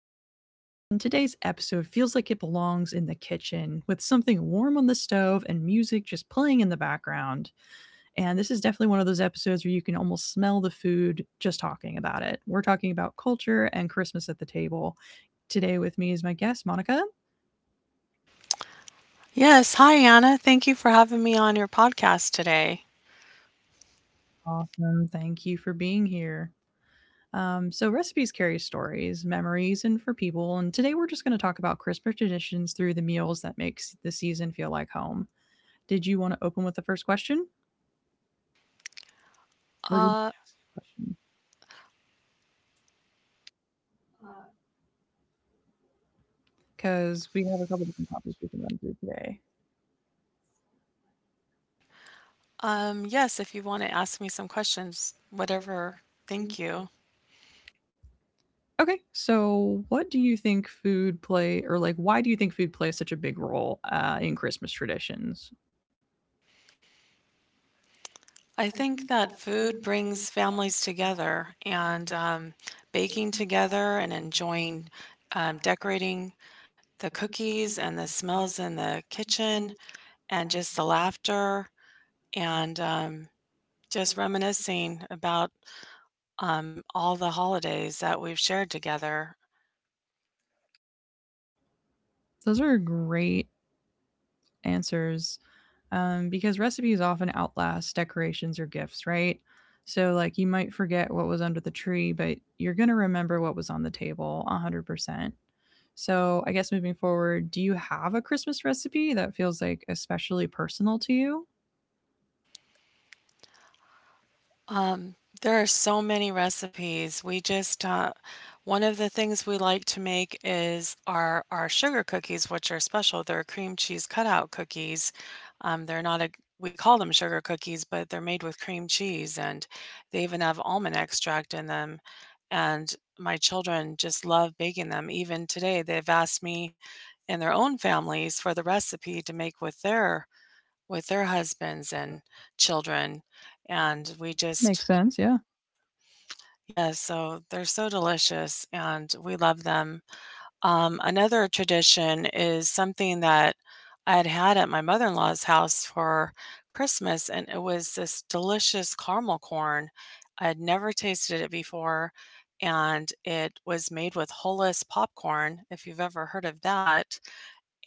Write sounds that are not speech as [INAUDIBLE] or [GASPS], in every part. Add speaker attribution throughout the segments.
Speaker 1: I'm Anna, and today's episode feels like it belongs in the kitchen with something warm on the stove and music just playing in the background. And this is definitely one of those episodes where you can almost smell the food just talking about it. We're talking about culture and Christmas at the table. Today, with me is my guest, Monica.
Speaker 2: Yes, hi Anna. Thank you for having me on your podcast today.
Speaker 1: Awesome. Thank you for being here. Recipes carry stories, memories, and for people. And today, we're just going to talk about Christmas traditions through the meals that makes the season feel like home. Did you want to open with the first question?
Speaker 2: Uh,
Speaker 1: Because we have a couple different topics we can run through today.
Speaker 2: yes, if you want to ask me some questions, whatever. Thank you.
Speaker 1: Okay, so what do you think food play, or like, why do you think food plays such a big role in Christmas traditions?
Speaker 2: I think that food brings families together, and baking together and enjoying decorating the cookies and the smells in the kitchen, and just the laughter and just reminiscing about all the holidays that we've shared together.
Speaker 1: Those are great answers because recipes often outlast decorations or gifts, right? So, like, you might forget what was under the tree, but you're going to remember what was on the table 100%. So, I guess moving forward, do you have a Christmas recipe that feels like especially personal to you?
Speaker 2: Um, there are so many recipes. We just one of the things we like to make is our sugar cookies, which are special. They're cream cheese cutout cookies. They're not a We call them sugar cookies, but they're made with cream cheese, and they even have almond extract in them. And my children just love baking them. Even today, they've asked me in their own families for the recipe to make with their husbands and children, and we
Speaker 1: Makes
Speaker 2: just—
Speaker 1: sense. Yeah.
Speaker 2: Yes, so they're so delicious and we love them. Another tradition is something that I had had at my mother-in-law's house for Christmas, and it was this delicious caramel corn. I had never tasted it before, and it was made with hummus popcorn, if you've ever heard of that.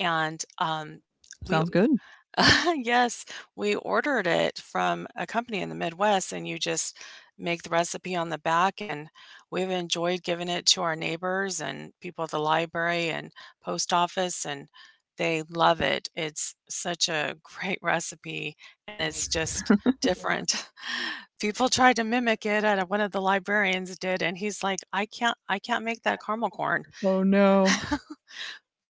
Speaker 2: And we
Speaker 1: Sounds good.
Speaker 2: [LAUGHS] yes, we ordered it from a company in the Midwest, and you just make the recipe on the back. And we've enjoyed giving it to our neighbors and people at the library and post office, and they love it. It's such a great [LAUGHS] recipe, and it's just different. [LAUGHS] People tried to mimic it, and one of the librarians did, and he's like, I can't make that caramel corn."
Speaker 1: Oh no.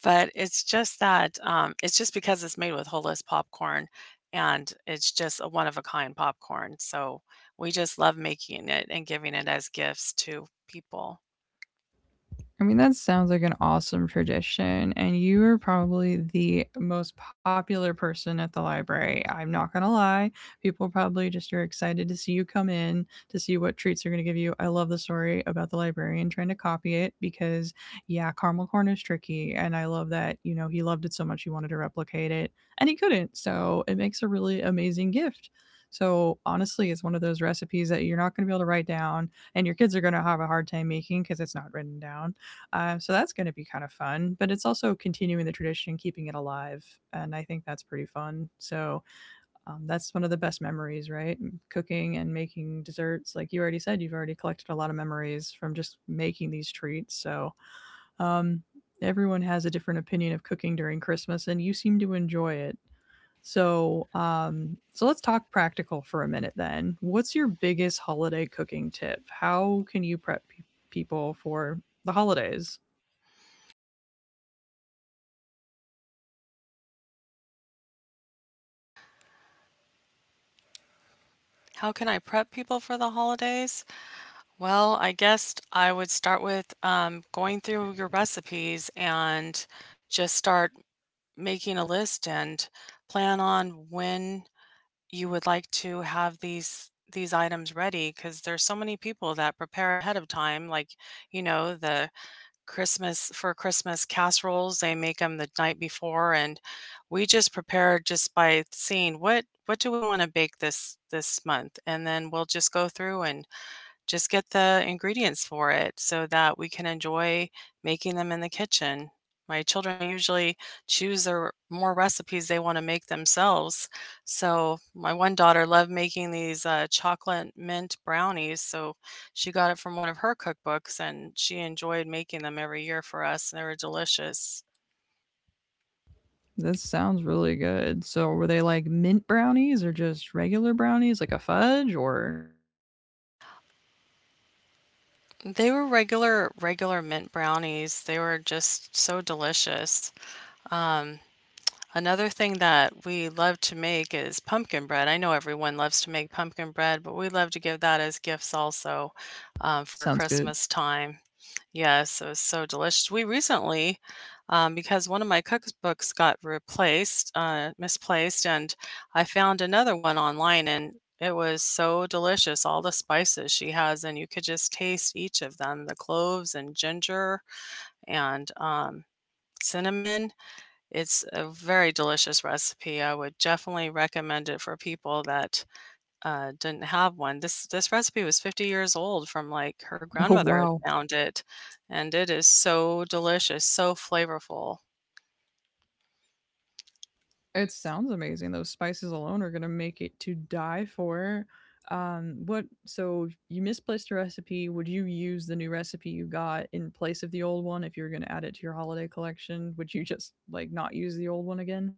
Speaker 2: But it's just that, it's just because it's made with whole list popcorn, and it's just a one of a kind popcorn, so we just love making it and giving it as gifts to people.
Speaker 1: I mean, that sounds like an awesome tradition, and you were probably the most popular person at the library. I'm not gonna lie. People probably just are excited to see you come in, to see what treats they're gonna give you. I love the story about the librarian trying to copy it because, yeah, caramel corn is tricky, and I love that, you know, he loved it so much he wanted to replicate it, and he couldn't, so it makes a really amazing gift. So, honestly, it's one of those recipes that you're not gonna be able to write down, and your kids are gonna have a hard time making because it's not written down, so that's going to be kind of fun, but it's also continuing the tradition, keeping it alive, and I think that's pretty fun. That's one of the best memories, right? Cooking and making desserts. Like you already said, you've already collected a lot of memories from just making these treats. Um, Everyone has a different opinion of cooking during Christmas, and you seem to enjoy it. So let's talk practical for a minute. Then, what's your biggest holiday cooking tip? How can you prep people for the holidays?
Speaker 2: How can I prep people for the holidays? Well, I guess I would start with, going through your recipes and just start making a list and plan on when you would like to have these items ready, because there's so many people that prepare ahead of time, like, you know, the Christmas— for Christmas casseroles, they make them the night before. And we just prepare just by seeing what do we want to bake this month, and then we'll just go through and just get the ingredients for it so that we can enjoy making them in the kitchen. My children usually choose their more recipes they want to make themselves. So, my one daughter loved making these chocolate mint brownies. So, she got it from one of her cookbooks and she enjoyed making them every year for us, and they were delicious.
Speaker 1: This sounds really good. So, were they like mint brownies or just regular brownies, like a fudge? Or
Speaker 2: They were regular mint brownies. They were just so delicious. Um, Another thing that we love to make is pumpkin bread. I know everyone loves to make pumpkin bread, but we love to give that as gifts also, for
Speaker 1: sounds good.
Speaker 2: Christmas time. Yes, it was so delicious. We recently, because one of my cookbooks got replaced, misplaced, and I found another one online, and it was so delicious. All the spices she has, and you could just taste each of them, the cloves and ginger and cinnamon. It's a very delicious recipe. I would definitely recommend it for people that didn't have one. This recipe was 50 years old from, like, her
Speaker 1: [LAUGHS] Oh,
Speaker 2: grandmother had
Speaker 1: wow.
Speaker 2: found it, and it is so delicious, so flavorful.
Speaker 1: It sounds amazing. Those spices alone are going to make it to die for. What so you misplaced a recipe? Would you use the new recipe you got in place of the old one if you were going to add it to your holiday collection? Would you just like not use the old one again?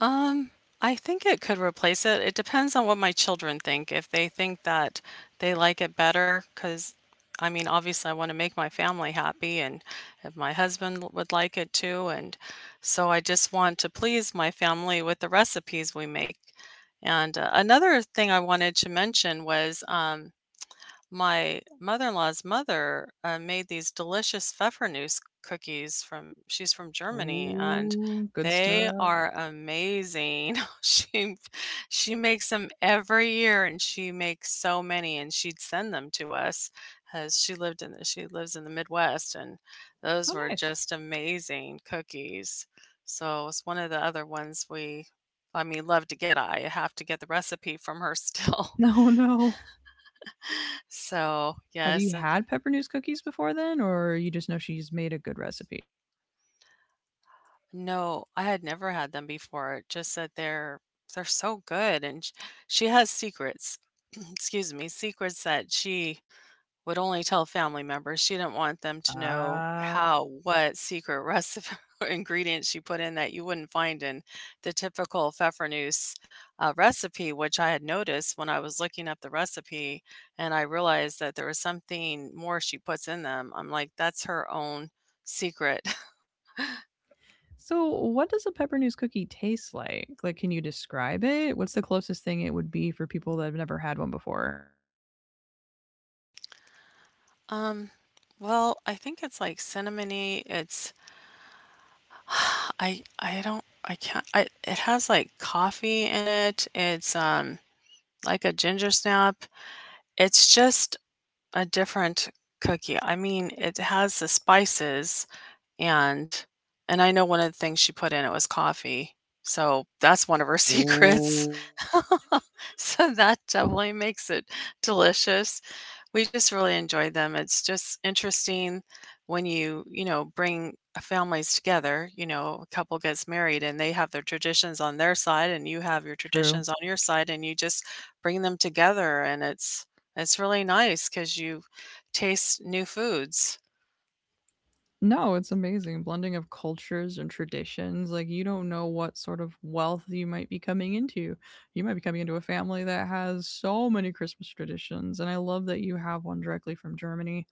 Speaker 2: Um, I think it could replace it. It depends on what my children think. If they think that they like it better, because I mean, obviously, I want to make my family happy, and if my husband would like it too. And so I just want to please my family with the recipes we make. And another thing I wanted to mention was, my mother-in-law's mother, made these delicious Pfeffernusse cookies from— she's from Germany, and
Speaker 1: Oh, good stuff.
Speaker 2: they
Speaker 1: Oh,
Speaker 2: are amazing. [LAUGHS] She she makes them every year, and she makes so many, and she'd send them to us, as she lived in the— she lives in the Midwest, and those were
Speaker 1: nice.
Speaker 2: just amazing cookies. So, it's one of the other ones we— I mean, love to get. I have to get the recipe from her
Speaker 1: [LAUGHS]
Speaker 2: still. [LAUGHS]
Speaker 1: No, no.
Speaker 2: So,
Speaker 1: Have you
Speaker 2: yes, and—
Speaker 1: had pepper news cookies before then, or you just know she's made a good recipe?
Speaker 2: no, I had never had them before, just that they're— they're so good, and sh she has secrets. [CLEARS THROAT] Excuse me, secrets that she would only tell family members. She didn't want them to know
Speaker 1: Ah.
Speaker 2: how, what secret recipe [LAUGHS] or ingredient she put in that you wouldn't find in the typical pfeffernusse recipe, which I had noticed when I was looking up the recipe, and I realized that there was something more she puts in them. I'm like, that's her own secret.
Speaker 1: So, what does a pepper news cookie taste like? Like, can you describe it? What's the closest thing it would be for people that have never had one before?
Speaker 2: Um, well, I think it's like cinnamony. It's— [SIGHS] I don't I can't I it has like coffee in it. It's like a ginger snap. It's just a different cookie. I mean, it has the spices and— and I know one of the things she put in it was coffee. So that's one of her [LAUGHS] secrets. [LAUGHS] So that definitely makes it delicious. We just really enjoyed them. It's just interesting when you know, bring families together, you know, a couple gets married and they have their traditions on their side and you have your
Speaker 1: True.
Speaker 2: traditions on your side and you just bring them together, and it's— it's really nice cuz you taste new foods.
Speaker 1: No, it's amazing. Blending of cultures and traditions. Like, you don't know what sort of wealth you might be coming into. You might be coming into a family that has so many Christmas traditions. And I love that you have one directly from Germany.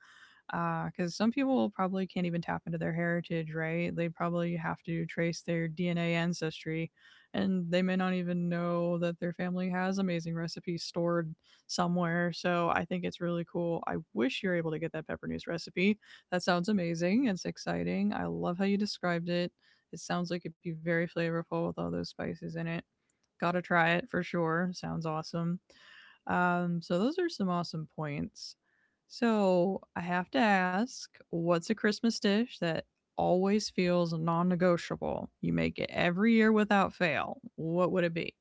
Speaker 1: Because some people probably can't even tap into their heritage, right? They probably have to trace their DNA ancestry, and they may not even know that their family has amazing recipes stored somewhere. So I think it's really cool. I wish you're able to get that pepper news recipe. That sounds amazing. It's exciting. I love how you described it. It sounds like it'd be very flavorful with all those spices in it. Gotta try it for sure. Sounds awesome. So those are some awesome points. So I have to ask what's a Christmas dish that always feels non negotiable? You make it every year without fail. What would it be?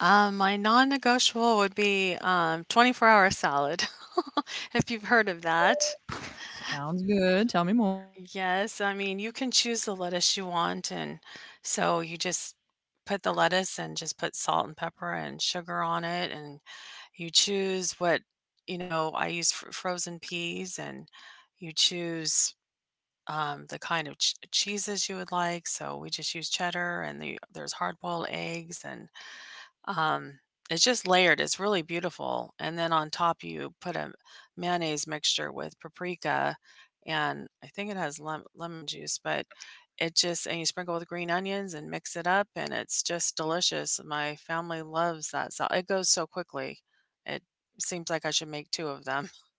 Speaker 2: My non-negotiable would be, 24-hour salad, [LAUGHS] if you've heard of that.
Speaker 1: Sounds good. Tell me more.
Speaker 2: Yes, I mean, you can choose the lettuce you want, and so you just put the lettuce and just put salt and pepper and sugar on it, and you choose what, you know. I use frozen peas, and you choose the kind of cheeses you would like. So we just use cheddar, and the— there's hard boiled eggs, and um, it's just layered, it's really beautiful, and then on top, you put a mayonnaise mixture with paprika, and I think it has lemon juice, but it just— and you sprinkle with green onions and mix it up, and it's just delicious. My family loves that sau it goes so quickly. It seems like I should make two of them. [LAUGHS]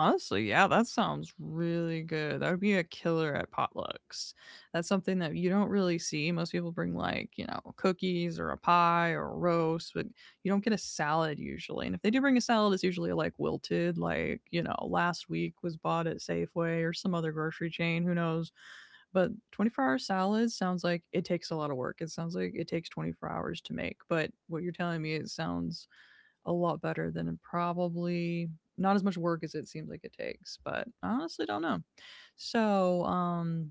Speaker 1: Honestly, yeah, that sounds really good. That would be a killer at potlucks. That's something that you don't really see. Most people bring like, you know, cookies or a pie or a roast, but you don't get a salad usually. And if they do bring a salad, it's usually like wilted, like, you know, last week was bought at Safeway or some other grocery chain, who knows. But 24-hour salads sounds like it takes a lot of work. It sounds like it takes 24 hours to make. But what you're telling me, it sounds a lot better than probably not as much work as it seems like it takes, but I honestly don't know. So,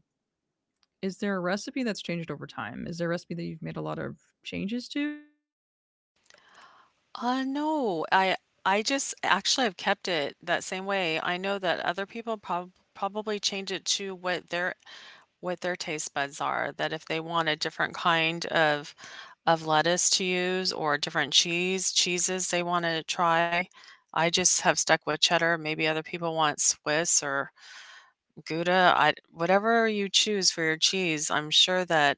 Speaker 1: is there a recipe that's changed over time? Is there a recipe that you've made a lot of changes to?
Speaker 2: No, I just actually have kept it that same way. I know that other people probably change it to what their— what their taste buds are, that if they want a different kind of— of lettuce to use or different cheeses they wanna try. I just have stuck with cheddar. Maybe other people want Swiss or Gouda, I— whatever you choose for your cheese, I'm sure that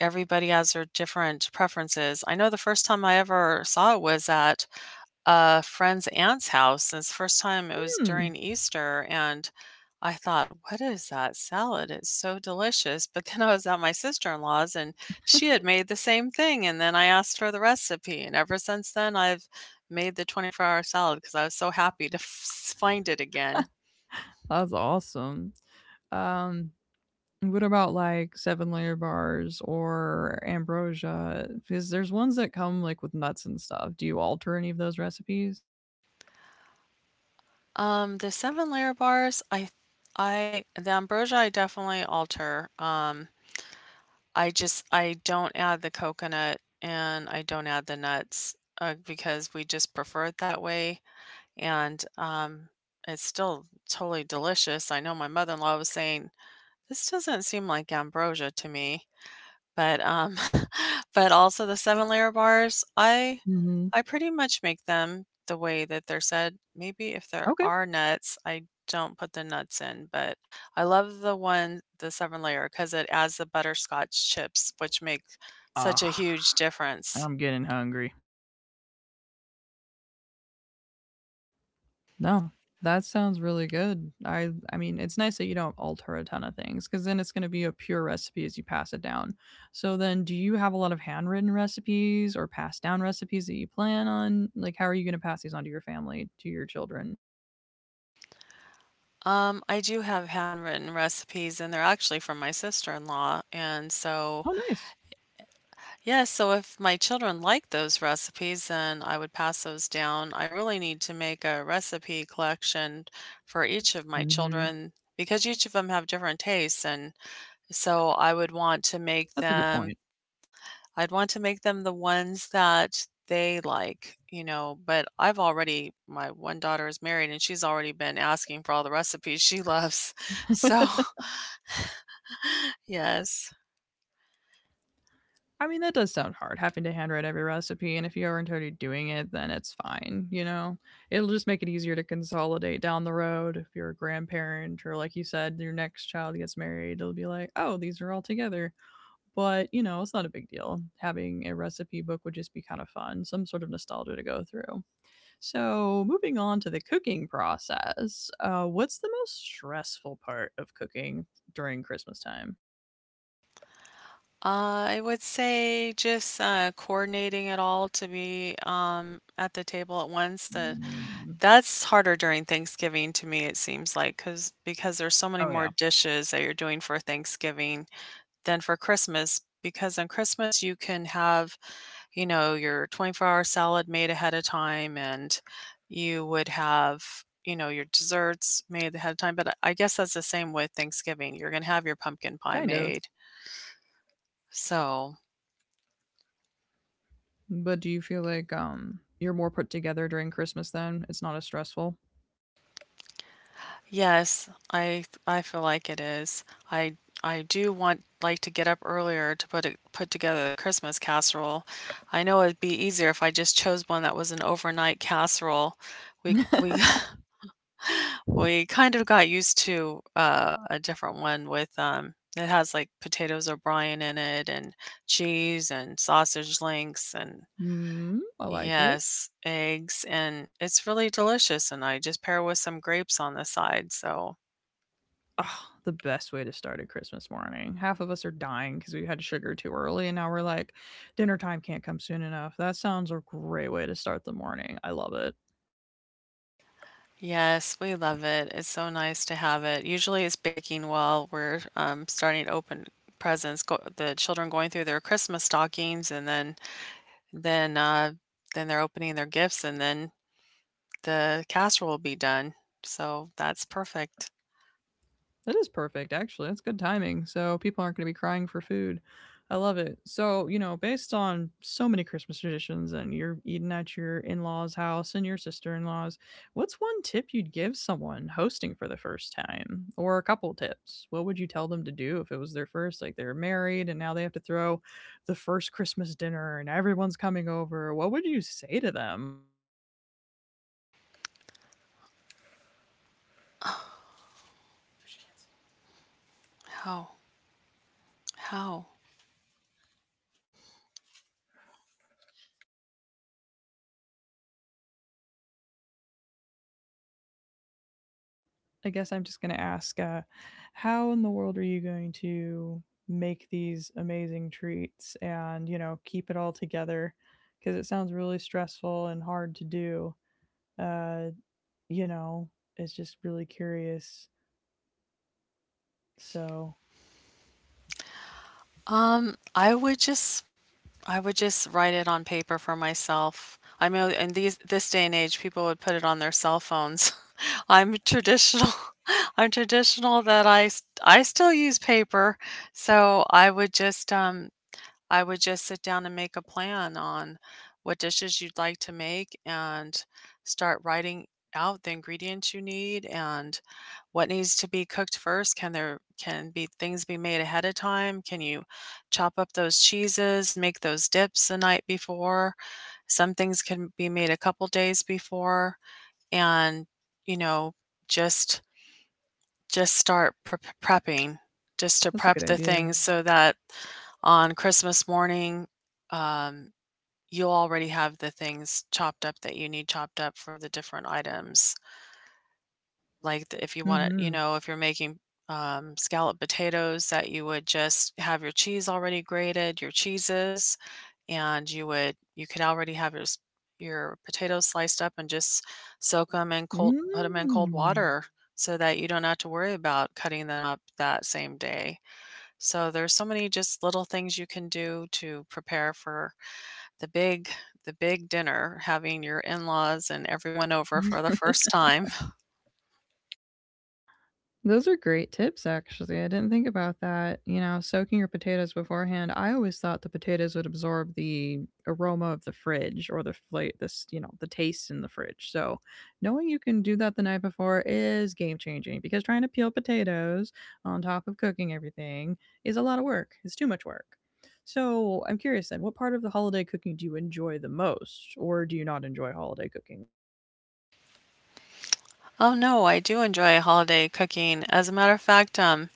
Speaker 2: everybody has their different preferences. I know the first time I ever saw it was at a friend's aunt's house, and it's the first time— it was
Speaker 1: Hmm,
Speaker 2: during Easter, and I thought, "What is that salad? It's so delicious." But then I was at my sister-in-law's, and she had made the same thing, and then I asked for the recipe, and ever since then, I've made the 24-hour salad because I was so happy to f find it again.
Speaker 1: that's awesome. Um, what about like seven layer bars or ambrosia? Because there's ones that come like with nuts and stuff. Do you alter any of those recipes?
Speaker 2: The seven layer bars, I— I the ambrosia I definitely alter, I just— I don't add the coconut and I don't add the nuts, because we just prefer it that way, and, it's still totally delicious. I know my mother-in-law was saying, "This doesn't seem like ambrosia to me." But, [LAUGHS] but also the seven layer bars, I—
Speaker 1: Mm-hmm.
Speaker 2: I pretty much make them the way that they're said. Maybe if there
Speaker 1: Okay.
Speaker 2: are nuts, I don't put the nuts in, but I love the one— the seven layer— because it adds the butterscotch chips, which make such a
Speaker 1: Ah,
Speaker 2: huge difference.
Speaker 1: I'm getting hungry. No, that sounds really good. I I mean, it's nice that you don't alter a ton of things because then it's going to be a pure recipe as you pass it down. So then, do you have a lot of handwritten recipes or passed down recipes that you plan on? Like, how are you going to pass these on to your family, to your children?
Speaker 2: I do have handwritten recipes, and they're actually from my sister-in-law, and so—
Speaker 1: Oh, nice.
Speaker 2: yeah, so if my children like those recipes, then I would pass those down. I really need to make a recipe collection for each of my
Speaker 1: Hmm.
Speaker 2: children because each of them have different tastes. And so I would want to make
Speaker 1: That's a good point.
Speaker 2: them— I'd want to make them the ones that they like, you know. But I've already— my one daughter is married and she's already been asking for all the recipes she loves. [LAUGHS] So, yes.
Speaker 1: I mean, that does sound hard, having to handwrite every recipe. And if you aren't already doing it, then it's fine. You know, it'll just make it easier to consolidate down the road. If you're a grandparent or, like you said, your next child gets married, it'll be like, oh, these are all together. But, you know, it's not a big deal. Having a recipe book would just be kind of fun, some sort of nostalgia to go through. So, moving on to the cooking process, what's the most stressful part of cooking during Christmas time?
Speaker 2: I would say just, coordinating it all to be, at the table at once,
Speaker 1: Mm.
Speaker 2: that's harder during Thanksgiving to me, it seems like, 'cause because there's so many
Speaker 1: Oh,
Speaker 2: more
Speaker 1: yeah.
Speaker 2: dishes that you're doing for Thanksgiving than for Christmas. Because on Christmas, you can have, you know, your 24-hour salad made ahead of time, and you would have, you know, your desserts made ahead of time, but I guess that's the same with Thanksgiving, you're gonna have your pumpkin pie
Speaker 1: Kind of.
Speaker 2: made, so.
Speaker 1: But do you feel like you're more put together during Christmas then? It's not as stressful?
Speaker 2: Yes, I feel like it is. I I do want like to get up earlier to put together the Christmas casserole. I know it'd be easier if I just chose one that was an overnight casserole. We [LAUGHS] we kind of got used to a different one with it has like potatoes O'Brien in it and cheese and sausage links and
Speaker 1: Mm, I like it.
Speaker 2: yes, eggs, and it's really delicious, and I just pair with some grapes on the side. So
Speaker 1: Ah, the best way to start a Christmas morning. Half of us are dying because we had sugar too early, and now we're like, dinner time can't come soon enough. That sounds a great way to start the morning. I love it.
Speaker 2: yes, we love it. It's so nice to have it. Usually it's baking while we're starting to open presents. Go the children going through their Christmas stockings and then uh, then they're opening their gifts, and then the casserole will be done. So that's perfect.
Speaker 1: That is perfect, actually. That's good timing. So people aren't going to be crying for food. I love it. So, you know, based on so many Christmas traditions and you're eating at your in law's house and your sister in law's, what's one tip you'd give someone hosting for the first time? Or a couple tips? What would you tell them to do if it was their first? Like they're married and now they have to throw the first Christmas dinner and everyone's coming over. What would you say to them?
Speaker 2: How? How?
Speaker 1: I guess I'm just going to ask, how in the world are you going to make these amazing treats and, you know, keep it all together? Because it sounds really stressful and hard to do. Uh, you know, it's just really curious. So
Speaker 2: Um, I would just I would just write it on paper for myself. I know in these this day and age people would put it on their cell phones. I'm traditional. [LAUGHS] I'm traditional that I still use paper, so I would just sit down and make a plan on what dishes you'd like to make and start writing out the ingredients you need and what needs to be cooked first. Can there can be things be made ahead of time? Can you chop up those cheeses, make those dips the night before? Some things can be made a couple days before and, you know, just just start prepping, just to
Speaker 1: that's a good
Speaker 2: prep the
Speaker 1: idea.
Speaker 2: things so that on Christmas morning, um, you'll already have the things chopped up that you need chopped up for the different items. Like, the if you want it you
Speaker 1: Mm-hmm.
Speaker 2: know, if you're making, scalloped potatoes that you would just have your cheese already grated, your cheeses, and you would you could already have your s your potatoes sliced up and just soak them in cold put them in cold
Speaker 1: Mm.
Speaker 2: water so that you don't have to worry about cutting them up that same day. So there's so many just little things you can do to prepare for the big the big dinner, having your in-laws and everyone over for the first time.
Speaker 1: Those are great tips, actually. I didn't think about that. You know, soaking your potatoes beforehand. I always thought the potatoes would absorb the aroma of the fridge or the this, you know, the taste in the fridge. So, knowing you can do that the night before is game changing because trying to peel potatoes on top of cooking everything is a lot of work. It's too much work. So, I'm curious then, what part of the holiday cooking do you enjoy the most, or do you not enjoy holiday cooking?
Speaker 2: Oh no, I do enjoy holiday cooking. As a matter of fact,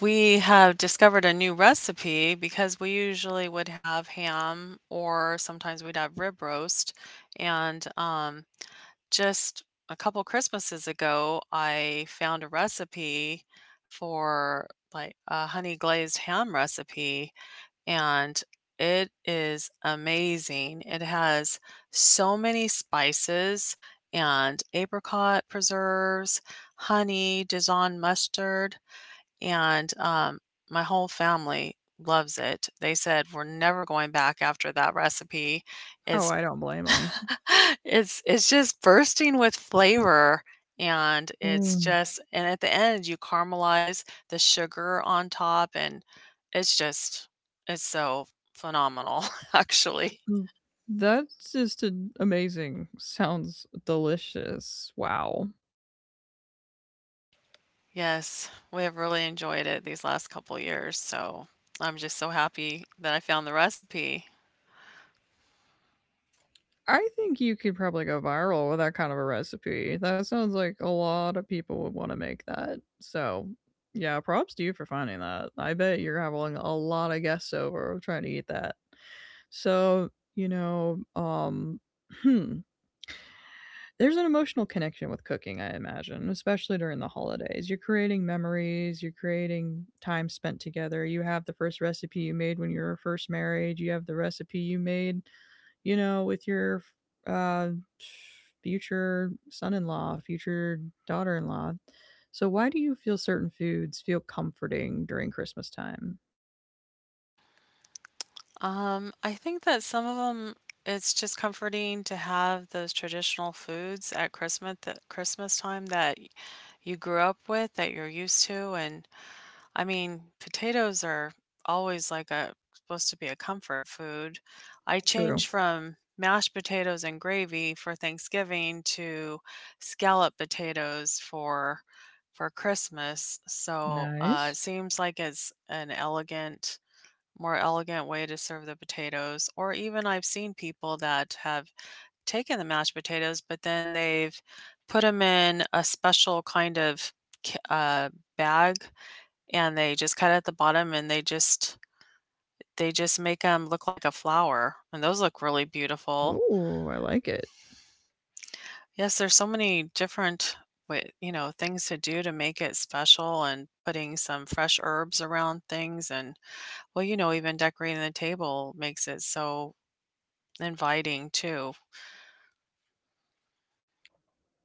Speaker 2: we have discovered a new recipe because we usually would have ham or sometimes we'd have rib roast. And just a couple Christmases ago, I found a recipe for like a honey glazed ham recipe, and it is amazing. It has so many spices and apricot preserves, honey, Dijon mustard, and my whole family loves it. They said we're never going back after that recipe.
Speaker 1: Oh, I
Speaker 2: It's
Speaker 1: don't blame
Speaker 2: [LAUGHS] It's just bursting with flavor, and it's
Speaker 1: them.
Speaker 2: just and at the end, you caramelize the sugar on top, and it's just it's so phenomenal, [LAUGHS] actually.
Speaker 1: That's just an amazing. Sounds delicious. Wow.
Speaker 2: Yes, we have really enjoyed it these last couple years, so I'm just so happy that I found the recipe.
Speaker 1: I think you could probably go viral with that kind of a recipe. That sounds like a lot of people would want to make that. So, yeah, props to you for finding that. I bet you're having a lot of guests over trying to eat that. So, you know, hmm, there's an emotional connection with cooking, I imagine, especially during the holidays. You're creating memories, you're creating time spent together. You have the first recipe you made when you were first married, you have the recipe you made, you know, with your uh, future son in law, future daughter in law. So, why do you feel certain foods feel comforting during Christmas time?
Speaker 2: I think that some of them, it's just comforting to have those traditional foods at Christmas, Christmas time that you grew up with that you're used to. And I mean, potatoes are always like a supposed to be a comfort food. I
Speaker 1: True.
Speaker 2: changed from mashed potatoes and gravy for Thanksgiving to scallop potatoes for Christmas. So, it
Speaker 1: Nice.
Speaker 2: seems like it's an elegant more elegant way to serve the potatoes, or even I've seen people that have taken the mashed potatoes, but then they've put them in a special kind of k bag, and they just cut at the bottom, and they just make them look like a flower, and those look really beautiful.
Speaker 1: Oh, I like it.
Speaker 2: Yes, there's so many different wa you know, things to do to make it special, and putting some fresh herbs around things, and, well, you know, even decorating the table makes it so inviting too.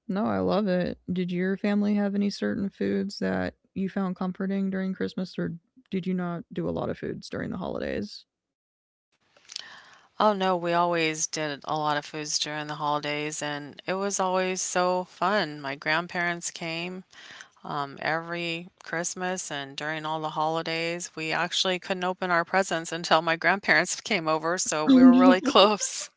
Speaker 1: No, I love it. Did your family have any certain foods that you found comforting during Christmas, or did you not do a lot of foods during the holidays? [LAUGHS]
Speaker 2: Oh no, we always did a lot of foods during the holidays, and it was always so fun. My grandparents came every Christmas and during all the holidays. We actually couldn't open our presents until my grandparents [LAUGHS] came over, so
Speaker 1: Oh
Speaker 2: we were
Speaker 1: no.
Speaker 2: really close.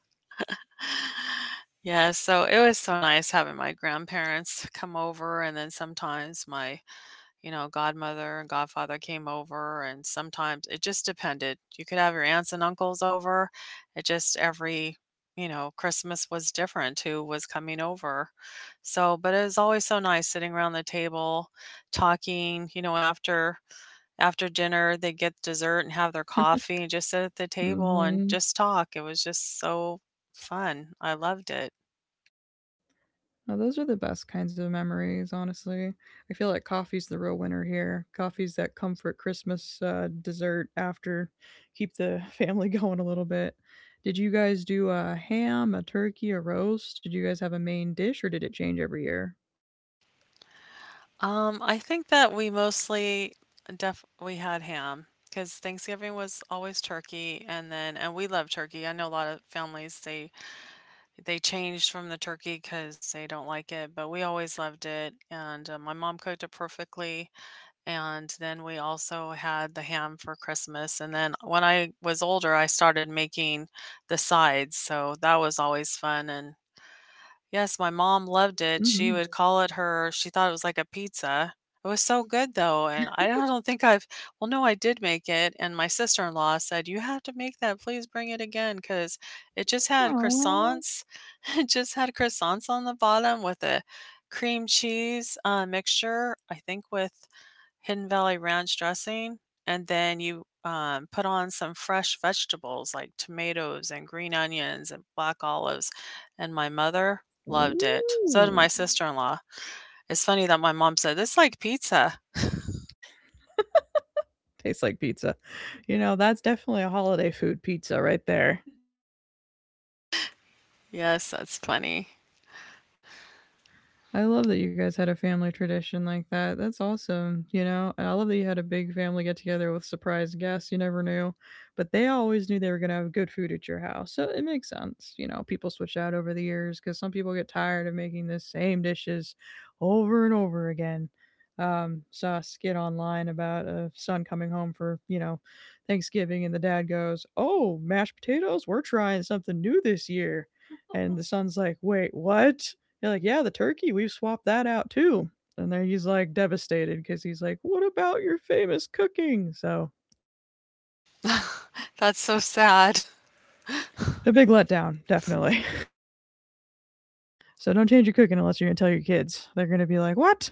Speaker 2: Yeah, so it was so nice having my grandparents come over, and then sometimes my you know, godmother and godfather came over, and sometimes it just depended. You could have your aunts and uncles over. It just every, you know, Christmas was different who was coming over. So, but it was always so nice sitting around the table, talking, you know, after dinner, they get dessert and have their coffee and just sit at the table and
Speaker 1: Hmm.
Speaker 2: just talk. It was just so fun. I loved it.
Speaker 1: Now, those are the best kinds of memories, honestly. I feel like coffee's the real winner here. Coffee's that comfort Christmas dessert after, keep the [LAUGHS] family going a little bit. Did you guys do a ham, a turkey, a roast? Did you guys have a main dish, or did it change every year?
Speaker 2: I think that we mostly def we had ham because Thanksgiving was always turkey, and then and we love turkey. I know a lot of families they changed from the turkey because they don't like it, but we always loved it. And my mom cooked it perfectly, and then we also had the ham for Christmas. And then when I was older, I started making the sides, so that was always fun. And yes, my mom loved it. She
Speaker 1: Hmm.
Speaker 2: would call it her she thought it was like a pizza. It was so good though, and I don't think I've well, no, I did make it, and my sister-in-law said, "You have to make that. Please bring it again," because it just had
Speaker 1: Aww.
Speaker 2: croissants. [LAUGHS] It just had croissants on the bottom with a cream cheese, mixture, I think, with Hidden Valley Ranch dressing, and then you, put on some fresh vegetables like tomatoes and green onions and black olives, and my mother loved it. So did
Speaker 1: Ooh.
Speaker 2: my sister-in-law. It's funny that my mom said, "It's like pizza."
Speaker 1: Tastes like pizza. You know, that's definitely a holiday food pizza right there.
Speaker 2: Yes, that's funny.
Speaker 1: I love that you guys had a family tradition like that. That's awesome, you know? And I love that you had a big family get together with surprise guests. You never knew. But they always knew they were going to have good food at your house. So it makes sense. You know, people switch out over the years because some people get tired of making the same dishes over and over again. Saw a skit online about a son coming home for, Thanksgiving, and the dad goes, "Oh, mashed potatoes? We're trying something new this year." And the [LAUGHS] son's like, "Wait, what?" You're like, "Yeah, the turkey, we've swapped that out too." And then he's like devastated because he's like, what about your famous cooking? So
Speaker 2: [LAUGHS] That's so sad.
Speaker 1: a big letdown, definitely. [LAUGHS] So don't change your cooking unless you're going to tell your kids. They're going to be like, what?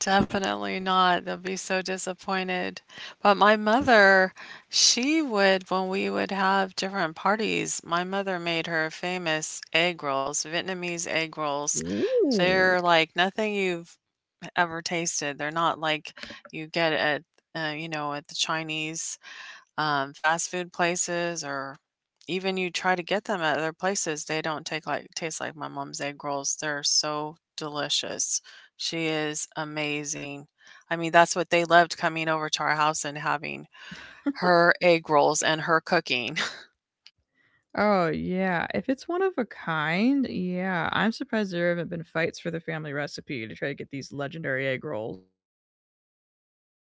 Speaker 2: Definitely not. They'll be so disappointed. But my mother, she would, when we would have different parties, my mother made her famous egg rolls, Vietnamese egg rolls.
Speaker 1: Ooh.
Speaker 2: They're like nothing you've ever tasted. They're not like you get at, you know, at the Chinese fast food places, or even you try to get them at other places, they don't take like taste like my mom's egg rolls. They're so delicious. She is amazing. I mean, that's what they loved coming over to our house and having her egg rolls and her cooking.
Speaker 1: Oh, yeah. If it's one of a kind, yeah. I'm surprised there haven't been fights for the family recipe to try to get these legendary egg rolls.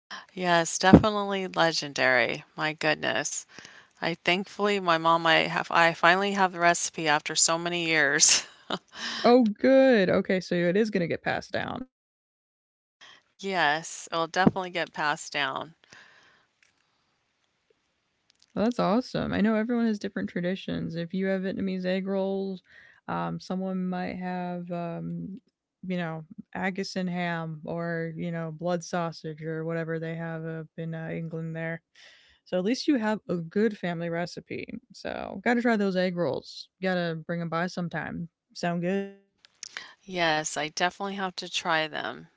Speaker 2: [LAUGHS] Yes, definitely legendary. My goodness. I thankfully my mom I have I finally have the recipe after so many years.
Speaker 1: Oh, good. Okay, so it is going to get passed down.
Speaker 2: [LAUGHS] Yes, it'll definitely get passed down.
Speaker 1: Well, that's awesome. I know everyone has different traditions. If you have Vietnamese egg rolls, someone might have, you know, Agusan ham, or blood sausage, or whatever they have up in England there. So at least you have a good family recipe. So got to try those egg rolls. Got to bring them by sometime. Sound good?
Speaker 2: Yes, I definitely have to try them.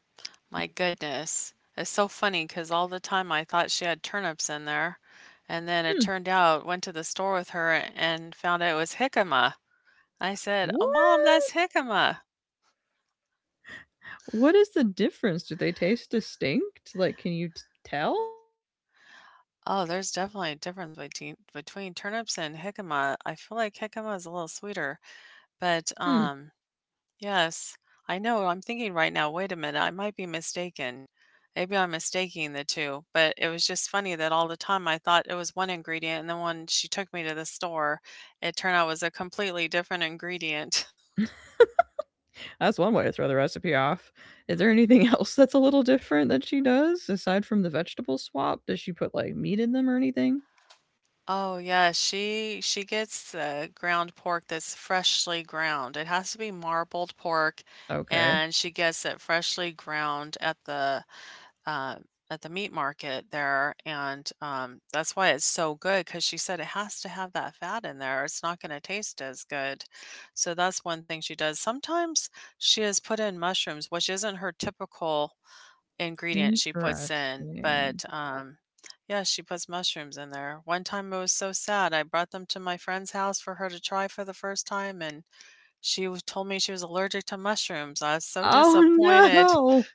Speaker 2: My goodness. It's so funny because all the time I thought she had turnips in there. And then it
Speaker 1: Hmm.
Speaker 2: turned out, went to the store with her and found out it was jicama. I said, "Oh, mom,
Speaker 1: What?
Speaker 2: that's jicama."
Speaker 1: What is the difference? Do they taste distinct? Like, can you tell?
Speaker 2: Oh, there's definitely a difference between turnips and jicama. I feel like jicama is a little sweeter, but
Speaker 1: Hmm.
Speaker 2: yes, I know. I'm thinking right now, wait a minute, I might be mistaken. Maybe I'm mistaking the two, but it was just funny that all the time I thought it was one ingredient, and then when she took me to the store, it turned out was a completely different ingredient. [LAUGHS]
Speaker 1: That's one way to throw the recipe off. Is there anything [LAUGHS] else that's a little different that she does aside from the vegetable swap? Does she put like meat in them or anything?
Speaker 2: Oh yeah, she gets the ground pork that's freshly ground. It has to be marbled pork,
Speaker 1: Okay.
Speaker 2: and she gets it freshly ground uh, at the meat market there, and that's why it's so good because she said it has to have that fat in there. It's not going to taste as good. So that's one thing she does. Sometimes she has put in mushrooms, which isn't her typical ingredient she puts in,
Speaker 1: Interesting.
Speaker 2: but yeah, she puts mushrooms in there. One time it was so sad. I brought them to my friend's house for her to try for the first time, and told me she was allergic to mushrooms. I was so Oh no.
Speaker 1: Oh
Speaker 2: disappointed.
Speaker 1: no.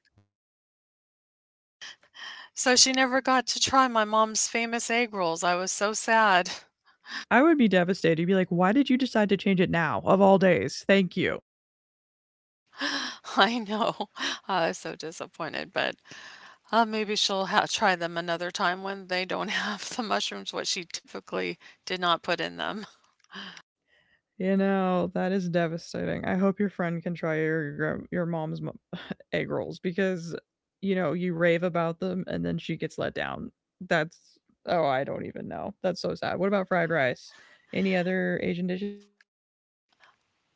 Speaker 2: So she never got to try my mom's famous egg rolls. I was so sad.
Speaker 1: I would be devastated. You'd be like, why did you decide to change it now of all days? Thank you.
Speaker 2: [LAUGHS] I know. I was so disappointed, but maybe try them another time when they don't [LAUGHS] have the mushrooms, what she typically did not put in them. [LAUGHS]
Speaker 1: You know, that is devastating. I hope your friend can try your your mom's [LAUGHS] egg rolls because you rave about them and then she gets let down. That's oh, I don't even know. That's so sad. What about fried rice? Any other Asian dishes?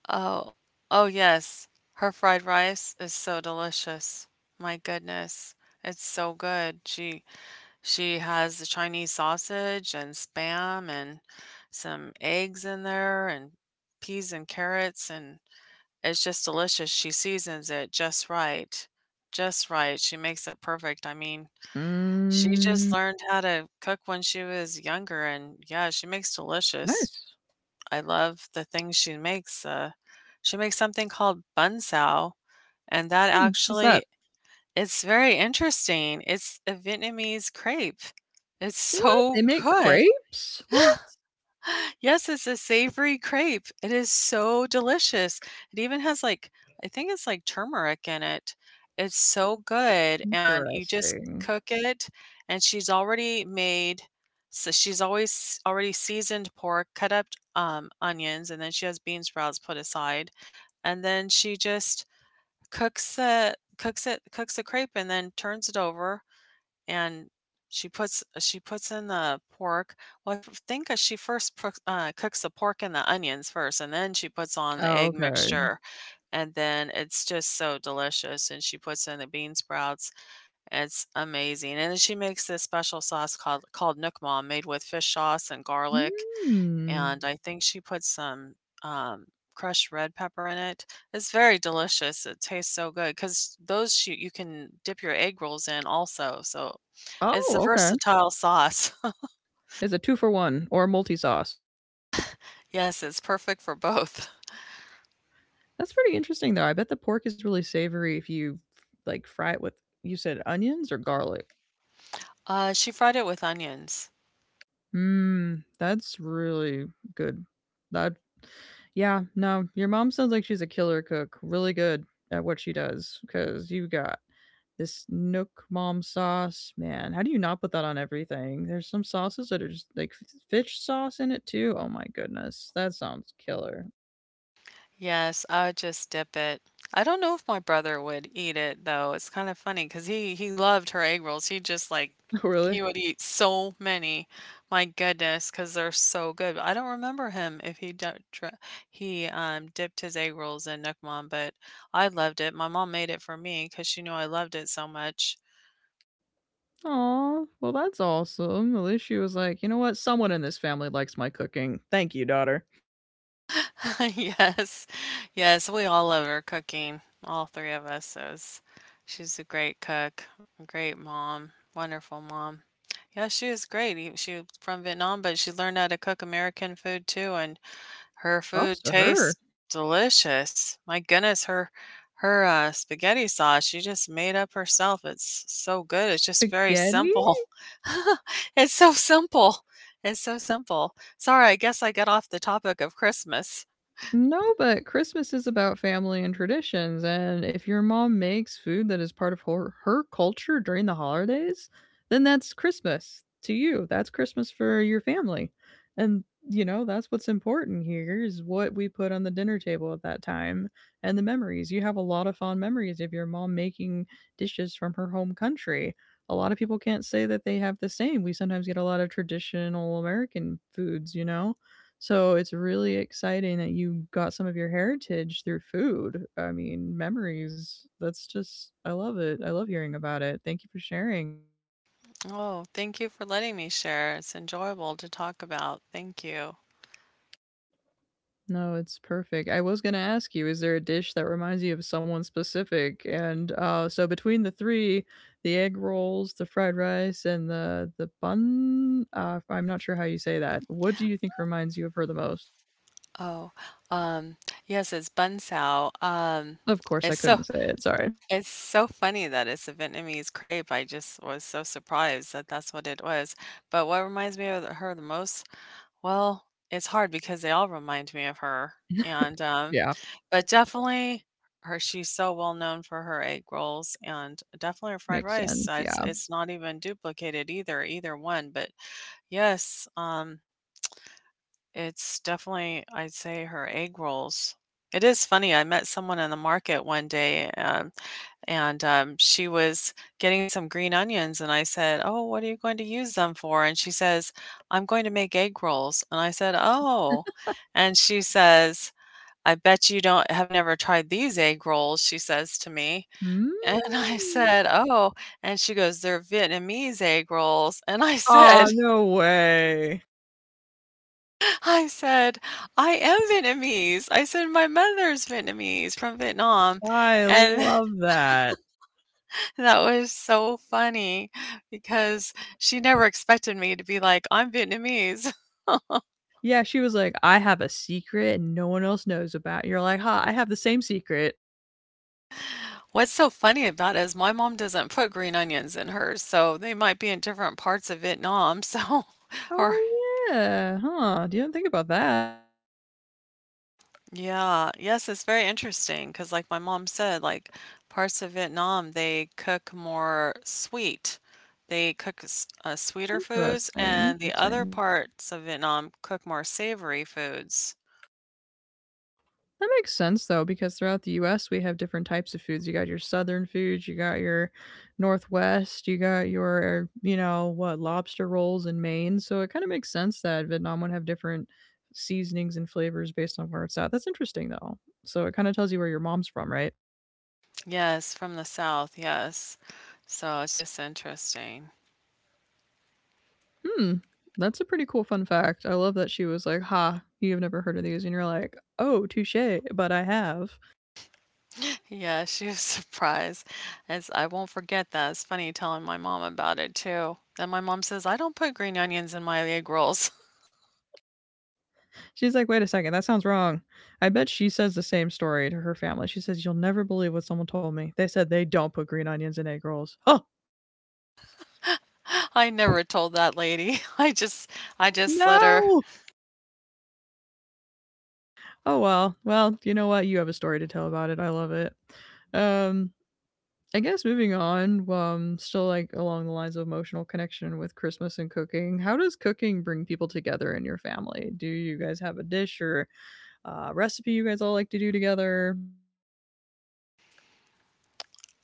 Speaker 2: Oh, oh, yes. Her fried rice is so delicious. My goodness. It's so good. She has the Chinese sausage and spam and some eggs in there and peas and carrots and it's just delicious. She seasons it just right, just right. She makes it perfect. I mean, she just
Speaker 1: Mm,
Speaker 2: learned how to cook when she was younger, and yeah, she makes delicious.
Speaker 1: nice.
Speaker 2: I love the things she makes. She makes something called bun sao, and that
Speaker 1: Hmm, what's that?
Speaker 2: actually it's very interesting. It's a Vietnamese crepe. It's
Speaker 1: What?
Speaker 2: so
Speaker 1: They make
Speaker 2: good.
Speaker 1: crepes? What?
Speaker 2: [LAUGHS] Yes, it's a savory crepe. It is so delicious. It even has like I think it's like turmeric in it. It's so good and you just
Speaker 1: Interesting.
Speaker 2: cook it and she's always already seasoned pork, cut up onions, and then she has bean sprouts put aside. And then she just cooks the crepe and then turns it over and she puts in the pork. Well, think that she first cooks the pork and the onions first, and then she puts on the
Speaker 1: Oh,
Speaker 2: egg
Speaker 1: okay.
Speaker 2: mixture, and then it's just so delicious. And she puts in the bean sprouts. It's amazing. And then she makes this special sauce called Nook Mom, made with fish sauce and garlic,
Speaker 1: Mm.
Speaker 2: and I think she puts some um, crushed red pepper in it. It's very delicious. It tastes so good because those you can dip your egg rolls in also. So it's a
Speaker 1: Oh, okay.
Speaker 2: versatile sauce. [LAUGHS]
Speaker 1: It's a two for one or multi sauce.
Speaker 2: Yes, it's perfect for both.
Speaker 1: That's pretty interesting, though. I bet the pork is really savory if you like fry it with, you said onions or garlic.
Speaker 2: She fried it with onions.
Speaker 1: Mmm, that's really good. That, yeah, no, your mom sounds like she's a killer cook, really good at what she does. Because you got this Nook mom sauce, man. How do you not put that on everything? There's some sauces that are just like fish sauce in it too. Oh my goodness, that sounds killer.
Speaker 2: Yes, I would just dip it. I don't know if my brother would eat it though. It's kind of funny because he loved her egg rolls. He just like
Speaker 1: [LAUGHS] Really?
Speaker 2: He would eat so many. My goodness, because they're so good. I don't remember him if he dipped his egg rolls in Nook Mom, but I loved it. My mom made it for me because she knew I loved it so much.
Speaker 1: Oh, well, that's awesome. At least she was like, you know what? Someone in this family likes my cooking. Thank you, daughter.
Speaker 2: [LAUGHS] Yes. Yes, we all love her cooking, all three of us. She's a great cook, a great mom, wonderful mom. Yeah, she is great. She was from Vietnam, but she learned how to cook American food too, and her food
Speaker 1: Props to her.
Speaker 2: tastes delicious. My goodness, her spaghetti sauce she just made up herself. It's so good. It's just very
Speaker 1: Spaghetti?
Speaker 2: simple. [LAUGHS] It's so simple. It's so simple. Sorry, I guess I got off the topic of Christmas.
Speaker 1: No, but Christmas is about family and traditions, and if your mom makes food that is part of her culture during the holidays, then that's Christmas to you. That's Christmas for your family. And you know, that's what's important here is what we put on the dinner table at that time and the memories. You have a lot of fond memories of your mom making dishes from her home country. A lot of people can't say that they have the same. We sometimes get a lot of traditional American foods, you know? So it's really exciting that you got some of your heritage through food. I mean, memories. That's just, I love it. I love hearing about it. Thank you for sharing.
Speaker 2: Oh, thank you for letting me share. It's enjoyable to talk about. Thank you.
Speaker 1: No, it's perfect. I was going to ask you, is there a dish that reminds you of someone specific? And so between the three, the egg rolls, the fried rice, and the bun, I'm not sure how you say that. What do you think reminds you of her the most?
Speaker 2: Oh, um, yes, it's bun sao.
Speaker 1: Of course,
Speaker 2: It's
Speaker 1: I
Speaker 2: so
Speaker 1: couldn't say it. Sorry.
Speaker 2: it's so funny that it's a Vietnamese crepe. I just was so surprised that that's what it was. But what reminds me of her the most? Well, it's hard because they all remind me of her. And
Speaker 1: Yeah,
Speaker 2: but definitely her. She's so well known for her egg rolls and definitely her fried
Speaker 1: makes
Speaker 2: rice.
Speaker 1: sense.
Speaker 2: It's
Speaker 1: Yeah.
Speaker 2: it's not even duplicated either, either one. But Yes, um, it's definitely, I'd say, her egg rolls. It is funny. I met someone in the market one day, and she was getting some green onions, and I said, "Oh, what are you going to use them for?" And she says, "I'm going to make egg rolls." And I said, "Oh," and she says, "I bet you don't have never tried these egg rolls," she says to me,
Speaker 1: Mm.
Speaker 2: [LAUGHS] and I said, "Oh," and she goes, "They're Vietnamese egg rolls," and I [LAUGHS] said.
Speaker 1: Aw, no way.
Speaker 2: I said, "I am Vietnamese." I said, "My mother's Vietnamese from Vietnam."
Speaker 1: I
Speaker 2: And
Speaker 1: love that.
Speaker 2: [LAUGHS] that was so funny because she never expected me to be like, "I'm Vietnamese."
Speaker 1: Yeah, she was like, "I have a secret and no one else knows about." You're like, "Huh, I have the same secret.
Speaker 2: [LAUGHS] What's so funny about it is my mom doesn't put green onions in hers, so they might be in different parts of Vietnam, [LAUGHS] so or
Speaker 1: Oh, yeah, huh, you didn't think about that.
Speaker 2: Yeah. Yes, it's very interesting because, like my mom said, like parts of Vietnam, they cook more sweet. They cook sweeter foods,
Speaker 1: Interesting,
Speaker 2: and the
Speaker 1: interesting."
Speaker 2: other parts of Vietnam cook more savory foods.
Speaker 1: That makes sense though, because throughout the U.S. we have different types of foods. You got your southern foods, you got your northwest, you got your you know what lobster rolls in Maine. So it kind of makes sense that Vietnam would have different seasonings and flavors based on where it's at. That's interesting though. So it kind of tells you where your mom's from, right?
Speaker 2: Yes, from the south, yes. So it's just interesting. [LAUGHS]
Speaker 1: Hmm. That's a pretty cool fun fact. I love that she was like, "Ha, you have never heard of these," and you're like, "Oh, touche," but I have.
Speaker 2: Yeah, she was [LAUGHS] surprised. As I won't forget that. It's funny telling my mom about it too. Then my mom says, I don't put green onions in my egg rolls.
Speaker 1: She's like, wait a second, that sounds wrong. I bet she says the same story to her family. She says, "You'll never believe what someone told me. They said they don't put green onions in egg rolls." Oh,
Speaker 2: I never told that lady. [LAUGHS] I just let her
Speaker 1: no. Oh, well. Well, you know what? You have a story to tell about it. I love it. Um, I guess moving on, still like along the lines of emotional connection with Christmas and cooking. How does cooking bring people together in your family? Do you guys have a dish or recipe you guys all like to do together?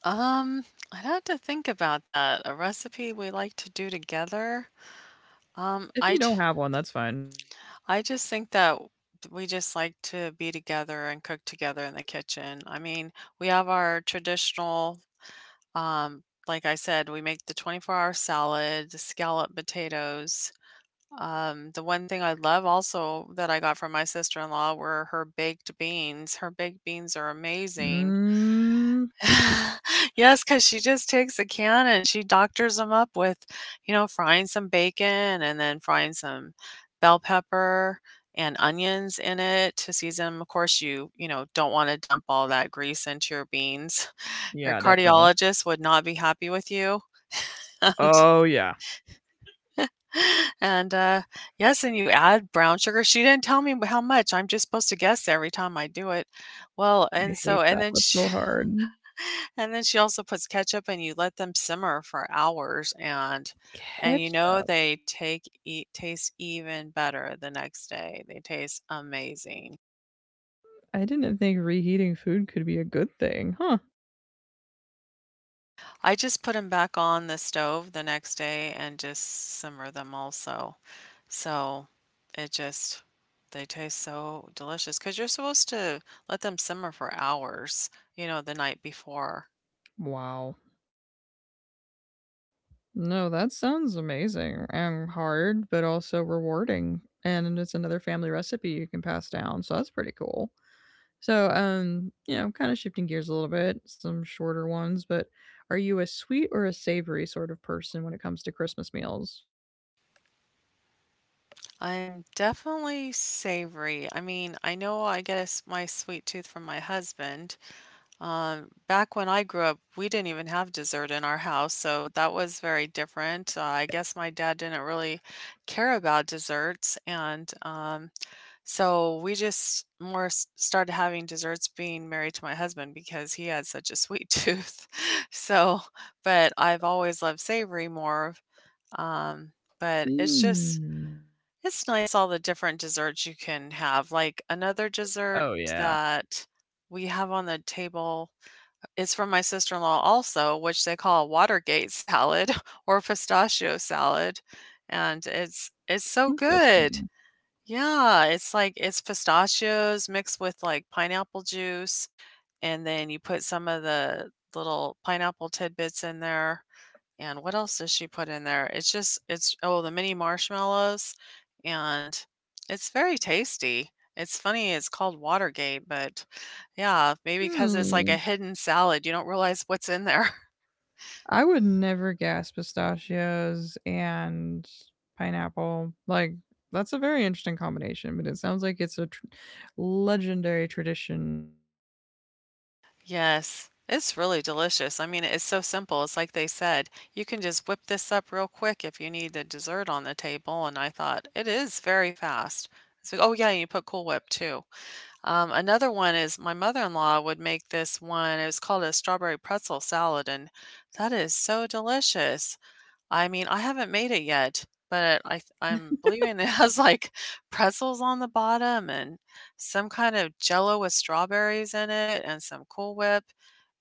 Speaker 2: um I'd have to think about that. A recipe we like to do together. Um
Speaker 1: If
Speaker 2: I
Speaker 1: you
Speaker 2: j-
Speaker 1: don't have one, that's fine.
Speaker 2: I just think that we just like to be together and cook together in the kitchen. I mean, we have our traditional, like I said, we make the 24-hour salad, the scallop potatoes. The one thing I love also that I got from my sister-in-law were her baked beans. Her baked beans are amazing.
Speaker 1: Mm,
Speaker 2: [LAUGHS] Yes, because she just takes a can and she doctors them up with, you know, frying some bacon and then frying some bell pepper and onions in it to season 'em. Of course, you know, don't wanna dump all that grease into your beans. [LAUGHS] Your
Speaker 1: yeah, definitely.
Speaker 2: cardiologist would not be happy with you. [LAUGHS] And
Speaker 1: Oh, yeah.
Speaker 2: and, yes, and you add brown sugar. She didn't tell me how much, I'm just supposed to guess every time I do it. Well,
Speaker 1: I
Speaker 2: and so
Speaker 1: hate
Speaker 2: and
Speaker 1: that.
Speaker 2: then
Speaker 1: That's
Speaker 2: she.
Speaker 1: so hard.
Speaker 2: And then she also puts ketchup and you let them simmer for hours and you know
Speaker 1: Ketchup.
Speaker 2: they take eat taste even better the next day. They taste amazing.
Speaker 1: I didn't think reheating food could be a good thing. Huh.
Speaker 2: I just put them back on the stove the next day and just simmer them also. So it just they taste so delicious because 'cause you're supposed to let them simmer for hours, you know, the night before.
Speaker 1: Wow. No, that sounds amazing and hard, but also rewarding. And it's another family recipe you can pass down. So that's pretty cool. So, kind of shifting gears a little bit, some shorter ones, but are you a sweet or a savory sort of person when it comes to Christmas meals?
Speaker 2: I'm definitely savory. I mean, I know I get a s my sweet tooth from my husband. Back when I grew up, we didn't even have dessert in our house, so that was very different. I guess my dad didn't really care about desserts, and so we started having desserts being married to my husband because he had such a sweet [LAUGHS] tooth. So, but I've always loved savory more. Um, but it's just
Speaker 1: Mm.
Speaker 2: It's nice all the different desserts you can have, like, another dessert
Speaker 1: Oh, yeah.
Speaker 2: that we have on the table is from my sister-in-law also, which they call Watergate salad [LAUGHS] or pistachio salad, and it's so good.
Speaker 1: Interesting.
Speaker 2: Yeah, it's like it's pistachios mixed with, like, pineapple juice, and then you put some of the little pineapple tidbits in there, and what else does she put in there? It's the mini marshmallows, and it's very tasty. It's funny it's called Watergate, but yeah, maybe because it's like
Speaker 1: Hmm.
Speaker 2: a hidden salad, you don't realize what's in there. [LAUGHS]
Speaker 1: I would never guess pistachios and pineapple. Like that's a very interesting combination, but it sounds like it's a legendary tradition.
Speaker 2: Yes. It's really delicious. I mean, it's so simple. It's like they said, you can just whip this up real quick if you need the dessert on the table. And I thought, it is very fast. It's like, oh, yeah, and you put Cool Whip too. Another one is my mother-in-law would make this one, it was called a strawberry pretzel salad, and that is so delicious. I mean, I haven't made it yet, but I'm believing it [LAUGHS] has like pretzels on the bottom and some kind of jello with strawberries in it and some Cool Whip.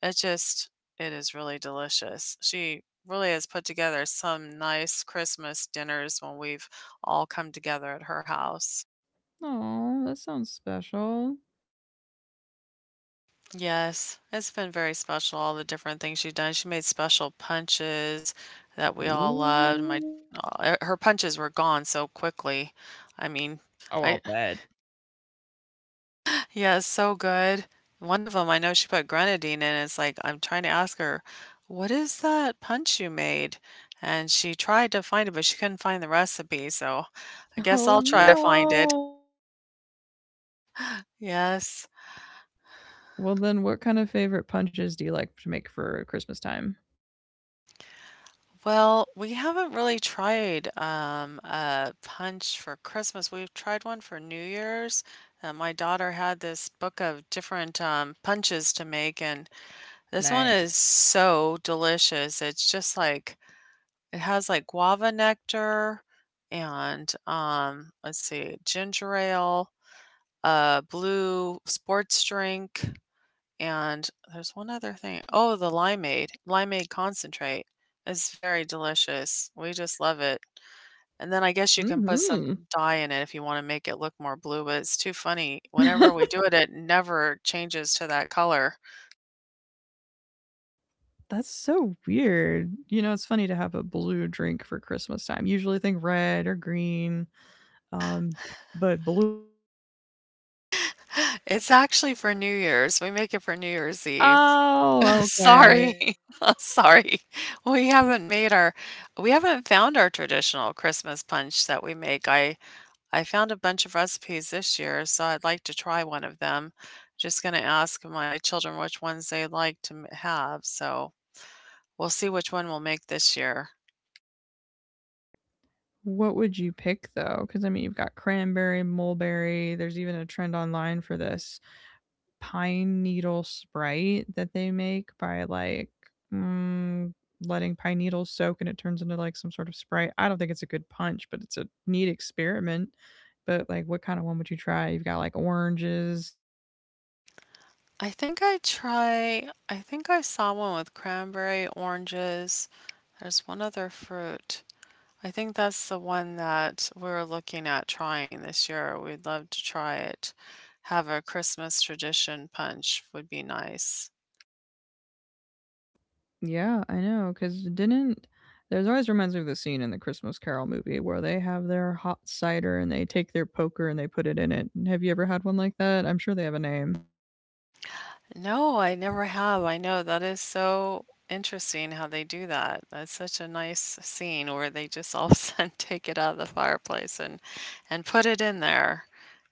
Speaker 2: It just it is really delicious. She really has put together some nice Christmas dinners when we've all come together at her house.
Speaker 1: Oh, that sounds special.
Speaker 2: Yes, it's been very special, all the different things she's done. She made special punches that we all loved. My
Speaker 1: Ooh.
Speaker 2: Her punches were gone so quickly. I mean,
Speaker 1: Oh, I'll
Speaker 2: I [SIGHS]
Speaker 1: bet. [LAUGHS]
Speaker 2: [LAUGHS] yeah, it's so good. One of them, I know she put grenadine in. It's like I'm trying to ask her, "What is that punch you made?" And she tried to find it, but she couldn't find the recipe. So I guess
Speaker 1: Oh
Speaker 2: I'll try to find it.
Speaker 1: no.
Speaker 2: Yes.
Speaker 1: Well, then, what kind of favorite punches do you like to make for Christmas time?
Speaker 2: Well, we haven't really tried a punch for Christmas. We've tried one for New Year's. My daughter had this book of different punches to make, and this one
Speaker 1: Nice.
Speaker 2: is so delicious. It's just like it has like guava nectar and, let's see, ginger ale, a blue sports drink, and there's one other thing. Oh, the limeade. Limeade concentrate is very delicious. We just love it. And then I guess you can put
Speaker 1: Hmm.
Speaker 2: some dye in it if you wanna make it look more blue, but it's too funny. Whenever
Speaker 1: [LAUGHS]
Speaker 2: we do it, it never changes to that color.
Speaker 1: That's so weird. You know, it's funny to have a blue drink for Christmas time. Usually think red or green. Um, but blue.
Speaker 2: [GASPS] [LAUGHS] It's actually for New Year's. We make it for New Year's Eve. [LAUGHS] Oh.
Speaker 1: Oh, okay.
Speaker 2: Sorry. [LAUGHS] I'm sorry. We haven't made our we haven't found our traditional Christmas punch that we make. I found a bunch of recipes this year, so I'd like to try one of them. Just going to ask my children which ones they like to have, so we'll see which one we'll make this year.
Speaker 1: What would you pick though? Because I mean, you've got cranberry, mulberry. There's even a trend online for this pine needle sprite that they make by like mm, letting pine needles soak and it turns into like some sort of sprite. I don't think it's a good punch, but it's a neat experiment. But like, what kind of one would you try? You've got like oranges,
Speaker 2: I think I saw one with cranberry, oranges. There's one other fruit. I think that's the one that we're looking at trying this year. We'd love to try it. Have a Christmas tradition punch would be nice.
Speaker 1: yeah, I know. Because didn't there's always reminds me of the scene in the Christmas Carol movie where they have their hot cider and they take their poker and they put it in it. Have you ever had one like that? I'm sure they have a name.
Speaker 2: No, I never have. I know that is so interesting how they do that. That's such a nice scene where they just all [LAUGHS] of a sudden [LAUGHS] take it out of the fireplace and put it in there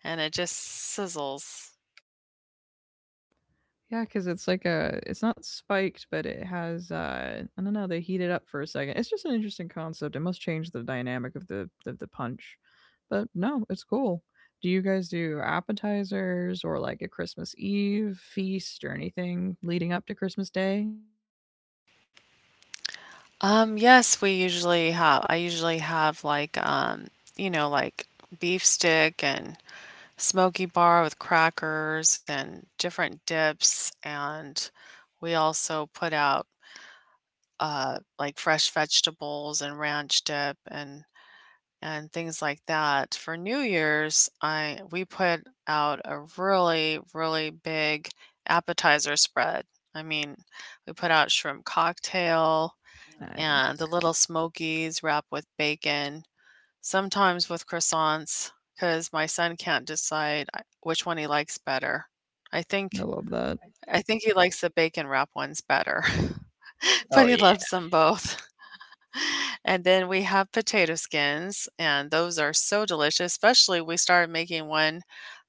Speaker 2: and it just sizzles.
Speaker 1: Yeah, because it's like a it's not spiked, but it has I don't know. They heat it up for a second. It's just an interesting concept. It must change the dynamic of the punch. But no, it's cool. Do you guys do appetizers or like a Christmas Eve feast or anything leading up to Christmas Day?
Speaker 2: Yes, we usually have I usually have like beef stick and smoky bar with crackers and different dips, and we also put out like fresh vegetables and ranch dip, and things like that. For New Year's, I we put out a really, really big appetizer spread. I mean, we put out shrimp cocktail and the
Speaker 1: Nice.
Speaker 2: little smokies wrapped with bacon, sometimes with croissants because my son can't decide which one he likes better. I
Speaker 1: I
Speaker 2: think
Speaker 1: love that.
Speaker 2: I think he likes the bacon wrap ones better, [LAUGHS] but
Speaker 1: Oh
Speaker 2: he loves them both. And then we have potato skins, and those are so delicious, especially we started making one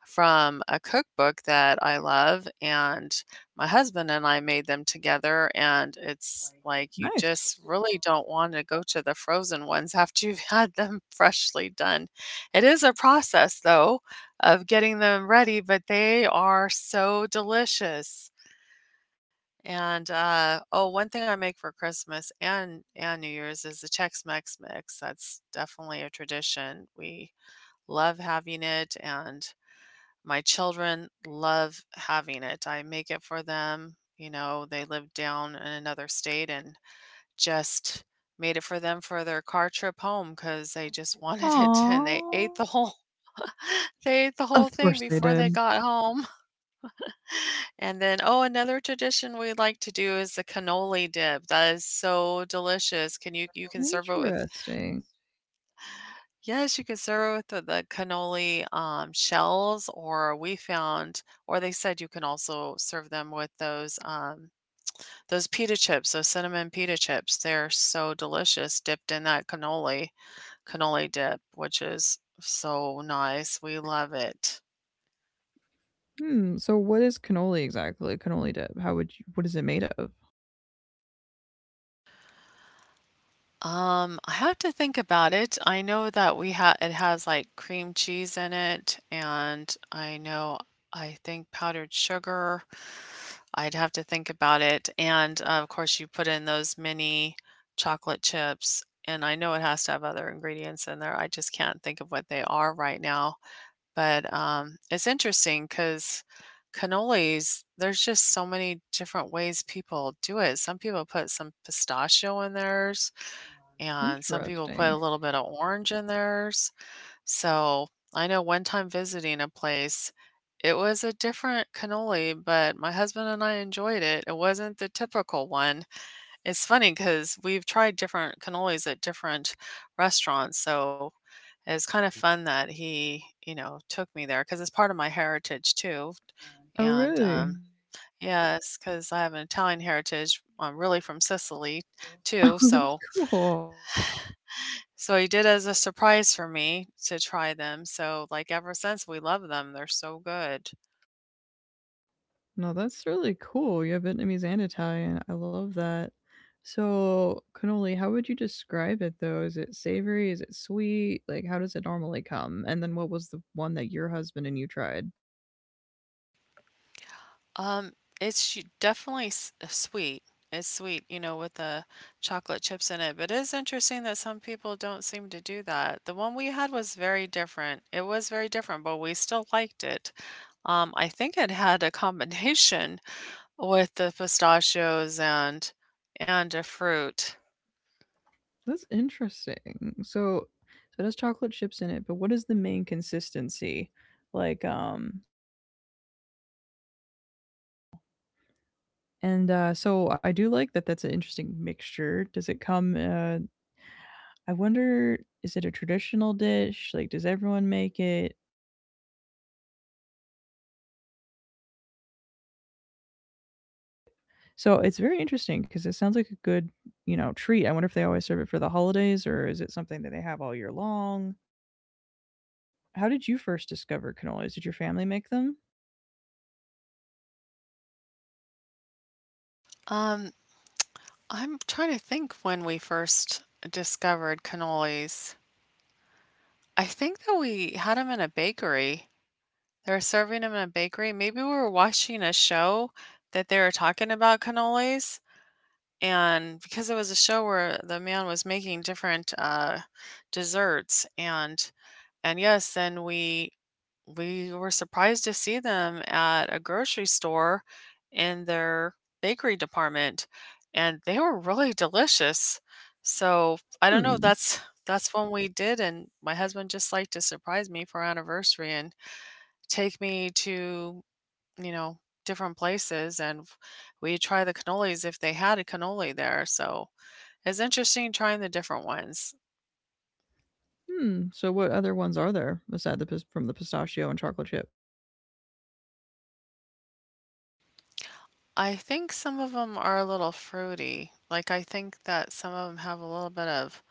Speaker 2: from a cookbook that I love, and my husband and I made them together, and it's like
Speaker 1: yeah.
Speaker 2: you
Speaker 1: Nice.
Speaker 2: just really don't want to go to the frozen ones [LAUGHS] after you've had them [LAUGHS] freshly done. It is a process, though, of getting them ready, but they are so delicious. Oh, one thing I make for Christmas and New Year's is the Chex-Mex mix. That's definitely a tradition. We love having it, and my children love having it. I make it for them. You know, they live down in another state and just made it for them for their car trip home because they just [LAUGHS] wanted it, and they
Speaker 1: Aww,
Speaker 2: ate the whole [LAUGHS] they ate the
Speaker 1: of
Speaker 2: whole thing
Speaker 1: course they
Speaker 2: before they
Speaker 1: did.
Speaker 2: got home. And then, oh, another tradition we like to do is the cannoli dip. That is so delicious. Can you You can serve it with
Speaker 1: Interesting.
Speaker 2: yes, you can serve it with the cannoli shells, or we found, or they said you can also serve them with those pita chips, those cinnamon pita chips. They're so delicious, dipped in that cannoli dip, which is so nice. We love it.
Speaker 1: Hmm. So, what is cannoli exactly? Cannoli dip. How would you? What is it made of?
Speaker 2: I have to think about it. I know that we ha it has like cream cheese in it, and I know I think powdered sugar. I'd have to think about it. And of course, you put in those mini chocolate chips, and I know it has to have other ingredients in there. I just can't think of what they are right now. But It's interesting because cannolis, there's just so many different ways people do it. Some people put some pistachio in theirs, and some people put
Speaker 1: Interesting.
Speaker 2: a little bit of orange in theirs. So I know one time visiting a place, it was a different cannoli, but my husband and I enjoyed it. It wasn't the typical one. It's funny because we've tried different cannolis at different restaurants. So it was kind of fun that he, you know, took me there because it's part of my heritage too.
Speaker 1: Oh,
Speaker 2: And
Speaker 1: really?
Speaker 2: Yes, because I have an Italian heritage. I'm really from Sicily too.
Speaker 1: [LAUGHS] Oh, that's
Speaker 2: So
Speaker 1: cool.
Speaker 2: so he did as a surprise for me to try them. So like ever since we love them. They're so good.
Speaker 1: No, that's really cool. You have Vietnamese and Italian. I love that. So, cannoli. How would you describe it though? Is it savory? Is it sweet? Like, how does it normally come? And then, what was the one that your husband and you tried?
Speaker 2: Um, it's sh- definitely s- sweet. It's sweet, you know, with the chocolate chips in it. But it is interesting that some people don't seem to do that. The one we had was very different. It was very different, but we still liked it. I think it had a combination [LAUGHS] with the pistachios and a fruit.
Speaker 1: That's interesting. So, it has chocolate chips in it, but what is the main consistency? Like, and so I do like that. That's an interesting mixture. Does it come? I wonder, is it a traditional dish? Like, does everyone make it? So it's very interesting because it sounds like a good, treat. I wonder if they always serve it for the holidays, or is it something that they have all year long? How did you first discover cannolis? Did your family make them?
Speaker 2: Um, I'm trying to think when we first discovered cannolis. I think that we had them in a bakery. They were serving them in a bakery. Maybe we were watching a show that they were talking about cannolis, and because it was a show where the man was making different, desserts, and yes, then we were surprised to see them at a grocery store in their bakery department, and they were really delicious. So, I don't know,
Speaker 1: Hmm.
Speaker 2: that's when we did, and my husband just liked to surprise me for our anniversary and take me to, you know, different places, and we try the cannolis if they had a cannoli there. So, it's interesting trying the different ones.
Speaker 1: Hmm. So what other ones are there aside the, from the pistachio and chocolate chip?
Speaker 2: I think some of them are a little fruity. Like I think that some of them have a little bit of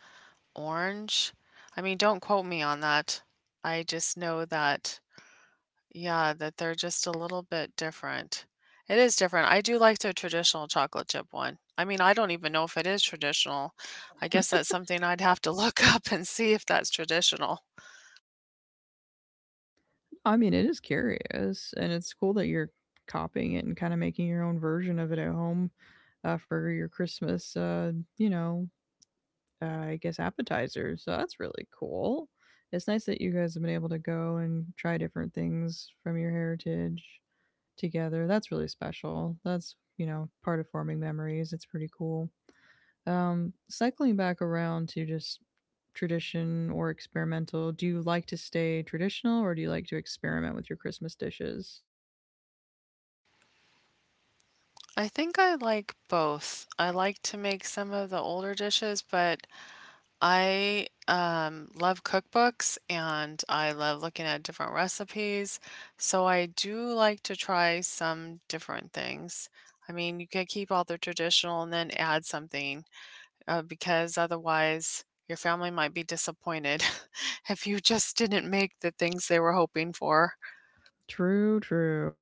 Speaker 2: orange? I mean, don't quote me on that. I just know that, yeah, that they're just a little bit different. It is different. I do like the traditional chocolate chip one. I mean, I don't even know if it is traditional. I guess that's something I'd have to look [LAUGHS] up and see if that's traditional.
Speaker 1: I mean, it is curious, and it's cool that you're copying it and kind of making your own version of it at home, for your Christmas, I guess appetizer. So that's really cool. It's nice that you guys have been able to go and try different things from your heritage together. That's really special. That's, you know, part of forming memories. It's pretty cool. Cycling back around to just tradition or experimental, do you like to stay traditional or do you like to experiment with your Christmas dishes?
Speaker 2: I think I like both. I like to make some of the older dishes, but I love cookbooks, and I love looking at different recipes, so I do like to try some different things. I mean, you can keep all the traditional and then add something, because otherwise your family might be disappointed [LAUGHS] if you just didn't make the things they were hoping for.
Speaker 1: True, true.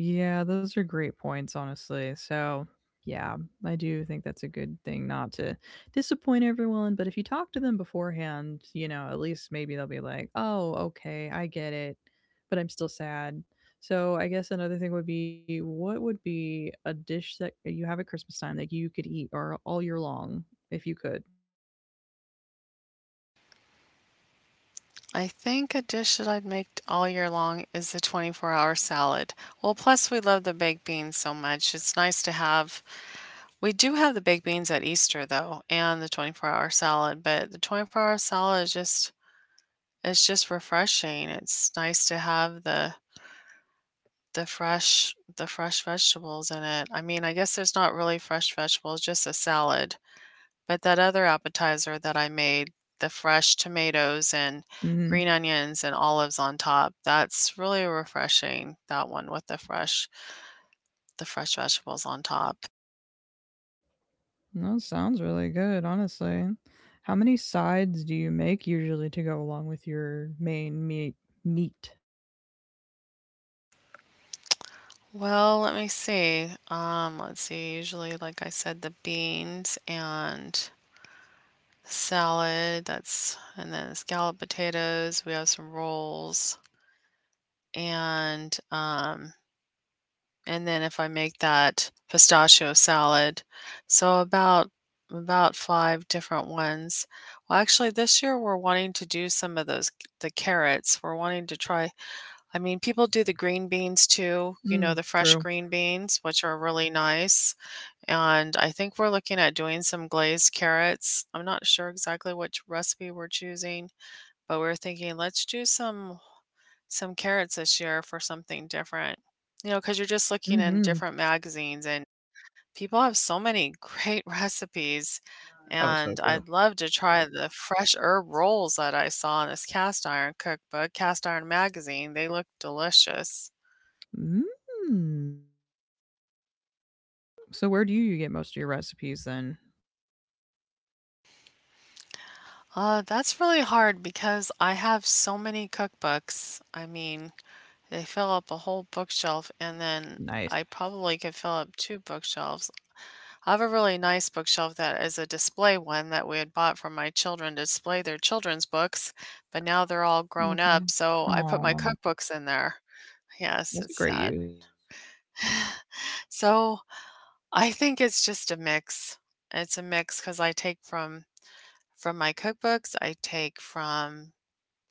Speaker 1: Yeah, those are great points, honestly. So, yeah, I do think that's a good thing, not to disappoint everyone. But if you talk to them beforehand, you know, at least maybe they'll be like, oh, okay, I get it, but I'm still sad. So, I guess another thing would be, what would be a dish that you have at Christmas time that you could eat or all year long if you could?
Speaker 2: I think a dish that I'd make all year long is the 24-hour salad. Well, plus we love the baked beans so much. It's nice to have we do have the baked beans at Easter though, and the 24-hour salad, but the 24-hour salad is just it's just refreshing. It's nice to have the fresh vegetables in it. I mean, I guess there's not really fresh vegetables, just a salad. But that other appetizer that I made, the fresh tomatoes and
Speaker 1: Mm hmm.
Speaker 2: green onions and olives on top, that's really refreshing, that one with the fresh vegetables on top.
Speaker 1: That sounds really good, honestly. How many sides do you make usually to go along with your main meat? Meat.
Speaker 2: Well, let me see. Let's see. Usually, like I said, the beans and salad. That's and then scalloped potatoes. We have some rolls and and then if I make that pistachio salad, so about five different ones. Well, actually, this year we're wanting to do some of those the carrots. We're wanting to try I mean, people do the green beans too, you know,
Speaker 1: Mm,
Speaker 2: the fresh
Speaker 1: true.
Speaker 2: green beans, which are really nice. And I think we're looking at doing some glazed carrots. I'm not sure exactly which recipe we're choosing, but we're thinking let's do some carrots this year for something different. You know, because you're just looking in
Speaker 1: Mhm.
Speaker 2: different magazines, and people have so many [LAUGHS] great recipes.
Speaker 1: Oh, so
Speaker 2: And
Speaker 1: true.
Speaker 2: I'd love to try the fresh herb rolls that I saw in this cast iron cookbook, cast iron magazine. They look delicious.
Speaker 1: Mm. So where do you get most of your recipes then?
Speaker 2: That's really hard because I have so many cookbooks. I mean, they fill up a whole bookshelf, and then
Speaker 1: Nice.
Speaker 2: I probably could fill up two bookshelves. I have a really nice bookshelf that is a display one that we had bought for my children to display their children's books, but now they're all grown
Speaker 1: Okay.
Speaker 2: up, so I put my
Speaker 1: Oh,
Speaker 2: cookbooks in there. Yes,
Speaker 1: that's a
Speaker 2: it's
Speaker 1: great
Speaker 2: sad.
Speaker 1: use.
Speaker 2: So I think it's just a mix. It's a mix because I take from my cookbooks, I take from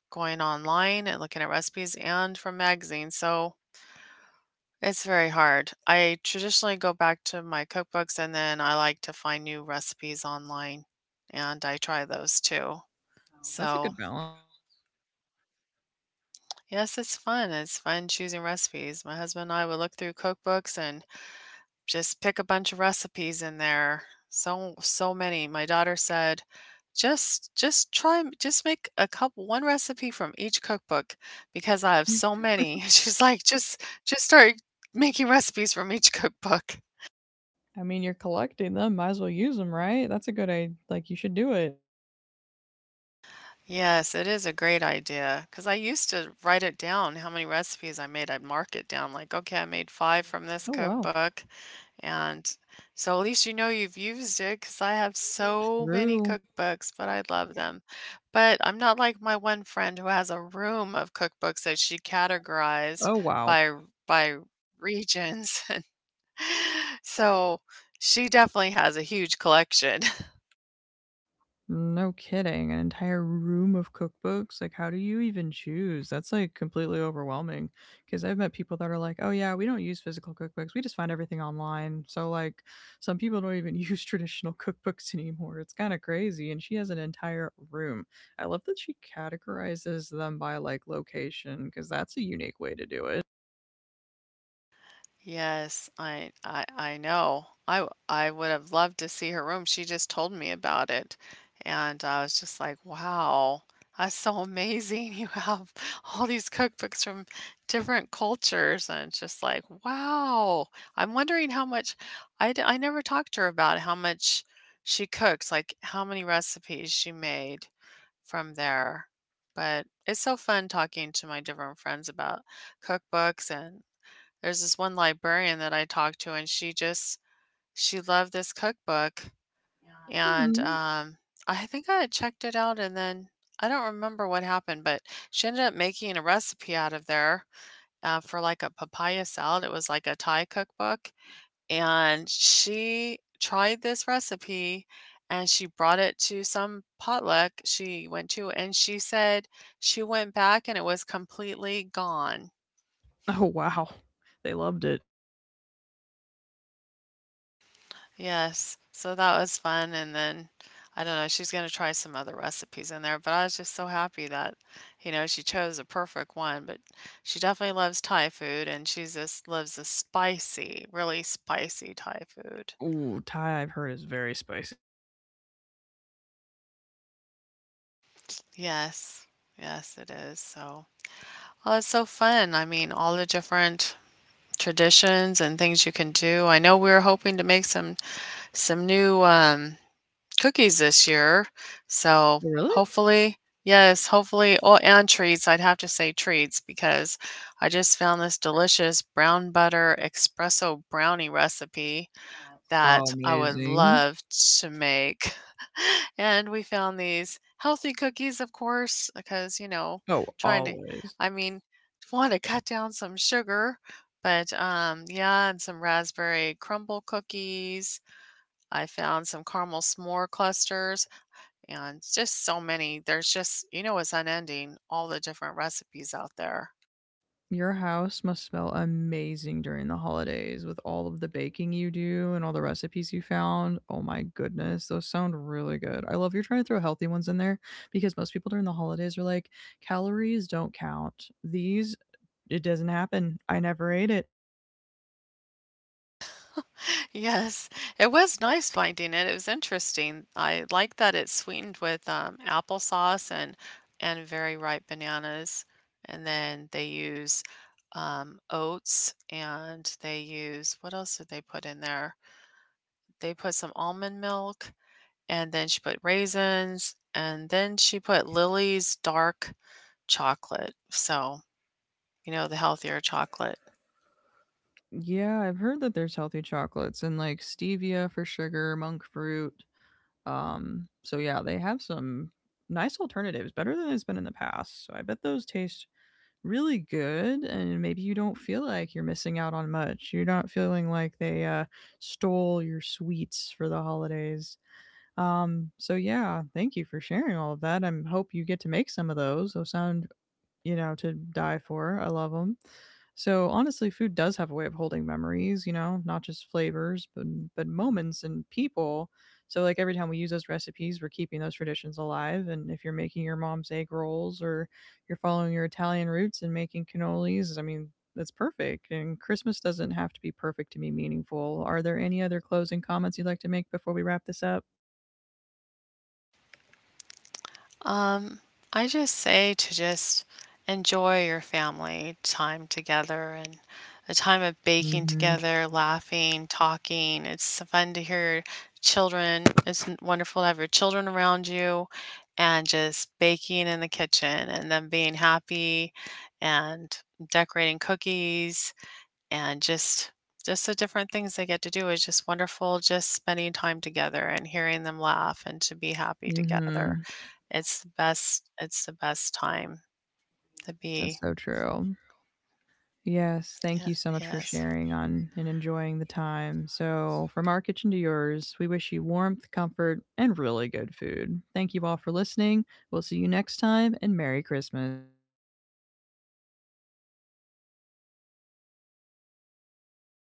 Speaker 2: going online and looking at recipes and from magazines, so it's very hard. I traditionally go back to my cookbooks, and then I like to find new recipes online, and I try those too.
Speaker 1: That's a
Speaker 2: So,
Speaker 1: good balance.
Speaker 2: yes, it's fun. It's fun choosing recipes. My husband and I would look through cookbooks and just pick a bunch of recipes in there. So so many. My daughter said, just try m- just make a couple one recipe from each cookbook because I have so many." [LAUGHS] She's like, just start making recipes from each cookbook."
Speaker 1: I mean, you're collecting them, might as well use them, right? That's a good idea. Like, you should do it.
Speaker 2: Yes, it is a great idea. Cause I used to write it down how many recipes I made. I'd mark it down like, "Okay, I made 5 from this
Speaker 1: Oh, wow.
Speaker 2: cookbook," and so at least you know you've used it. Cause I have so many
Speaker 1: True.
Speaker 2: cookbooks, but I love them. But I'm not like my one friend who has a room of cookbooks that she categorized
Speaker 1: Oh, wow.
Speaker 2: by r by regions, [LAUGHS] and so she definitely has a huge collection.
Speaker 1: No kidding. An entire room of cookbooks? Like, how do you even choose? That's like completely overwhelming. Because I've met people that are like, oh, yeah, we don't use physical cookbooks. We just find everything online. So, like, some people don't even [LAUGHS] use traditional cookbooks anymore. It's kind of crazy. And she has an entire room. I love that she categorizes them by like location, because that's a unique way to do it.
Speaker 2: Yes, I know. I would have loved to see her room, she just told me about it, and I was just like, "Wow, that's so amazing, [LAUGHS] you have all these cookbooks from different cultures," and it's just like, "Wow." I'm wondering how much I never talked to her about how much she cooks, like, how many recipes she made from there, but it's so fun talking to my different friends about cookbooks, and there's this one librarian that I talked to, and she just she loved this cookbook, and,
Speaker 1: Hmm.
Speaker 2: um, I think I had checked it out, and then I don't remember what happened, but she ended up making a recipe out of there, for, like, a papaya salad. It was like a Thai cookbook, and she tried this recipe, and she brought it to some potluck she went to, and she said she went back and it was completely gone.
Speaker 1: Oh, wow. They loved it.
Speaker 2: Yes, so that was fun, and then, I don't know, she's gonna try some other recipes in there, but I was just so happy that, you know, she chose a perfect one, but she definitely loves Thai food, and she's just loves the spicy, really spicy Thai food.
Speaker 1: Ooh, Thai, I've heard, is very spicy.
Speaker 2: Yes. Yes, it is, so oh, it's so fun, I mean, all the different traditions and things you can do. I know we're hoping to make some some new cookies this year. So
Speaker 1: Really?
Speaker 2: hopefully, yes, hopefully, oh, and treats. I'd have to say treats because I just found this delicious brown butter espresso brownie recipe that
Speaker 1: Oh,
Speaker 2: I would
Speaker 1: amazing.
Speaker 2: love to make. [LAUGHS] And we found these healthy cookies, of course, because, you know,
Speaker 1: Oh,
Speaker 2: trying to,
Speaker 1: always.
Speaker 2: I mean, want to cut down some sugar. But Yeah, and some raspberry crumble cookies, I found some caramel s'more clusters, and just so many. There's just, you know, it's unending all the different recipes out there. [LAUGHS]
Speaker 1: Your house must smell amazing during the holidays with all of the baking you do and all the recipes you found. Oh my goodness, those sound really good. I love you're trying to throw healthy ones in there, because most people during the holidays are like, calories don't count. These, it doesn't happen. I never ate it.
Speaker 2: Yes, it was nice finding it. It was interesting. I like that it's sweetened with applesauce and very ripe bananas, and then they use oats, and they use what else did they put in there? They put some almond milk, and then she put raisins, and then she put Lily's dark chocolate, so, you know, the healthier chocolate.
Speaker 1: Yeah, I've heard that there's healthy chocolates and like stevia for sugar, monk fruit. So yeah, they have some nice alternatives, better than it's been in the past. So I bet those taste really good, and maybe you don't feel like you're missing out on much. You're not feeling like they stole your sweets for the holidays. Um so yeah, thank you for sharing all of that. I hope you get to make some of those. Those sound, you know, to die for. I love them. So honestly, food does have a way of holding memories, you know, not just flavors, but moments and people. So like every time we use those recipes, we're keeping those traditions alive. And if you're making your mom's egg rolls or you're following your Italian roots and making cannolis, I mean, that's perfect. And Christmas doesn't have to be perfect to be meaningful. Are there any other closing comments you'd like to make before we wrap this up?
Speaker 2: Um, I just say to just enjoy your family time together and a time of
Speaker 1: Mm
Speaker 2: baking
Speaker 1: hmm.
Speaker 2: together, laughing, talking. It's fun to hear your children. Wonderful to have your children around you and just baking in the kitchen and them being happy and decorating cookies and just the different things they get to do is just wonderful just spending time together and hearing them laugh and to be happy
Speaker 1: Mm.
Speaker 2: together.
Speaker 1: Mhm.
Speaker 2: It's the best time to be
Speaker 1: That's so true. Yes, thank
Speaker 2: yeah,
Speaker 1: you so much for
Speaker 2: yes.
Speaker 1: sharing on and enjoying the time. So, from our kitchen to yours, we wish you warmth, comfort, and really good food. Thank you all for listening. We'll see you next time, and Merry Christmas.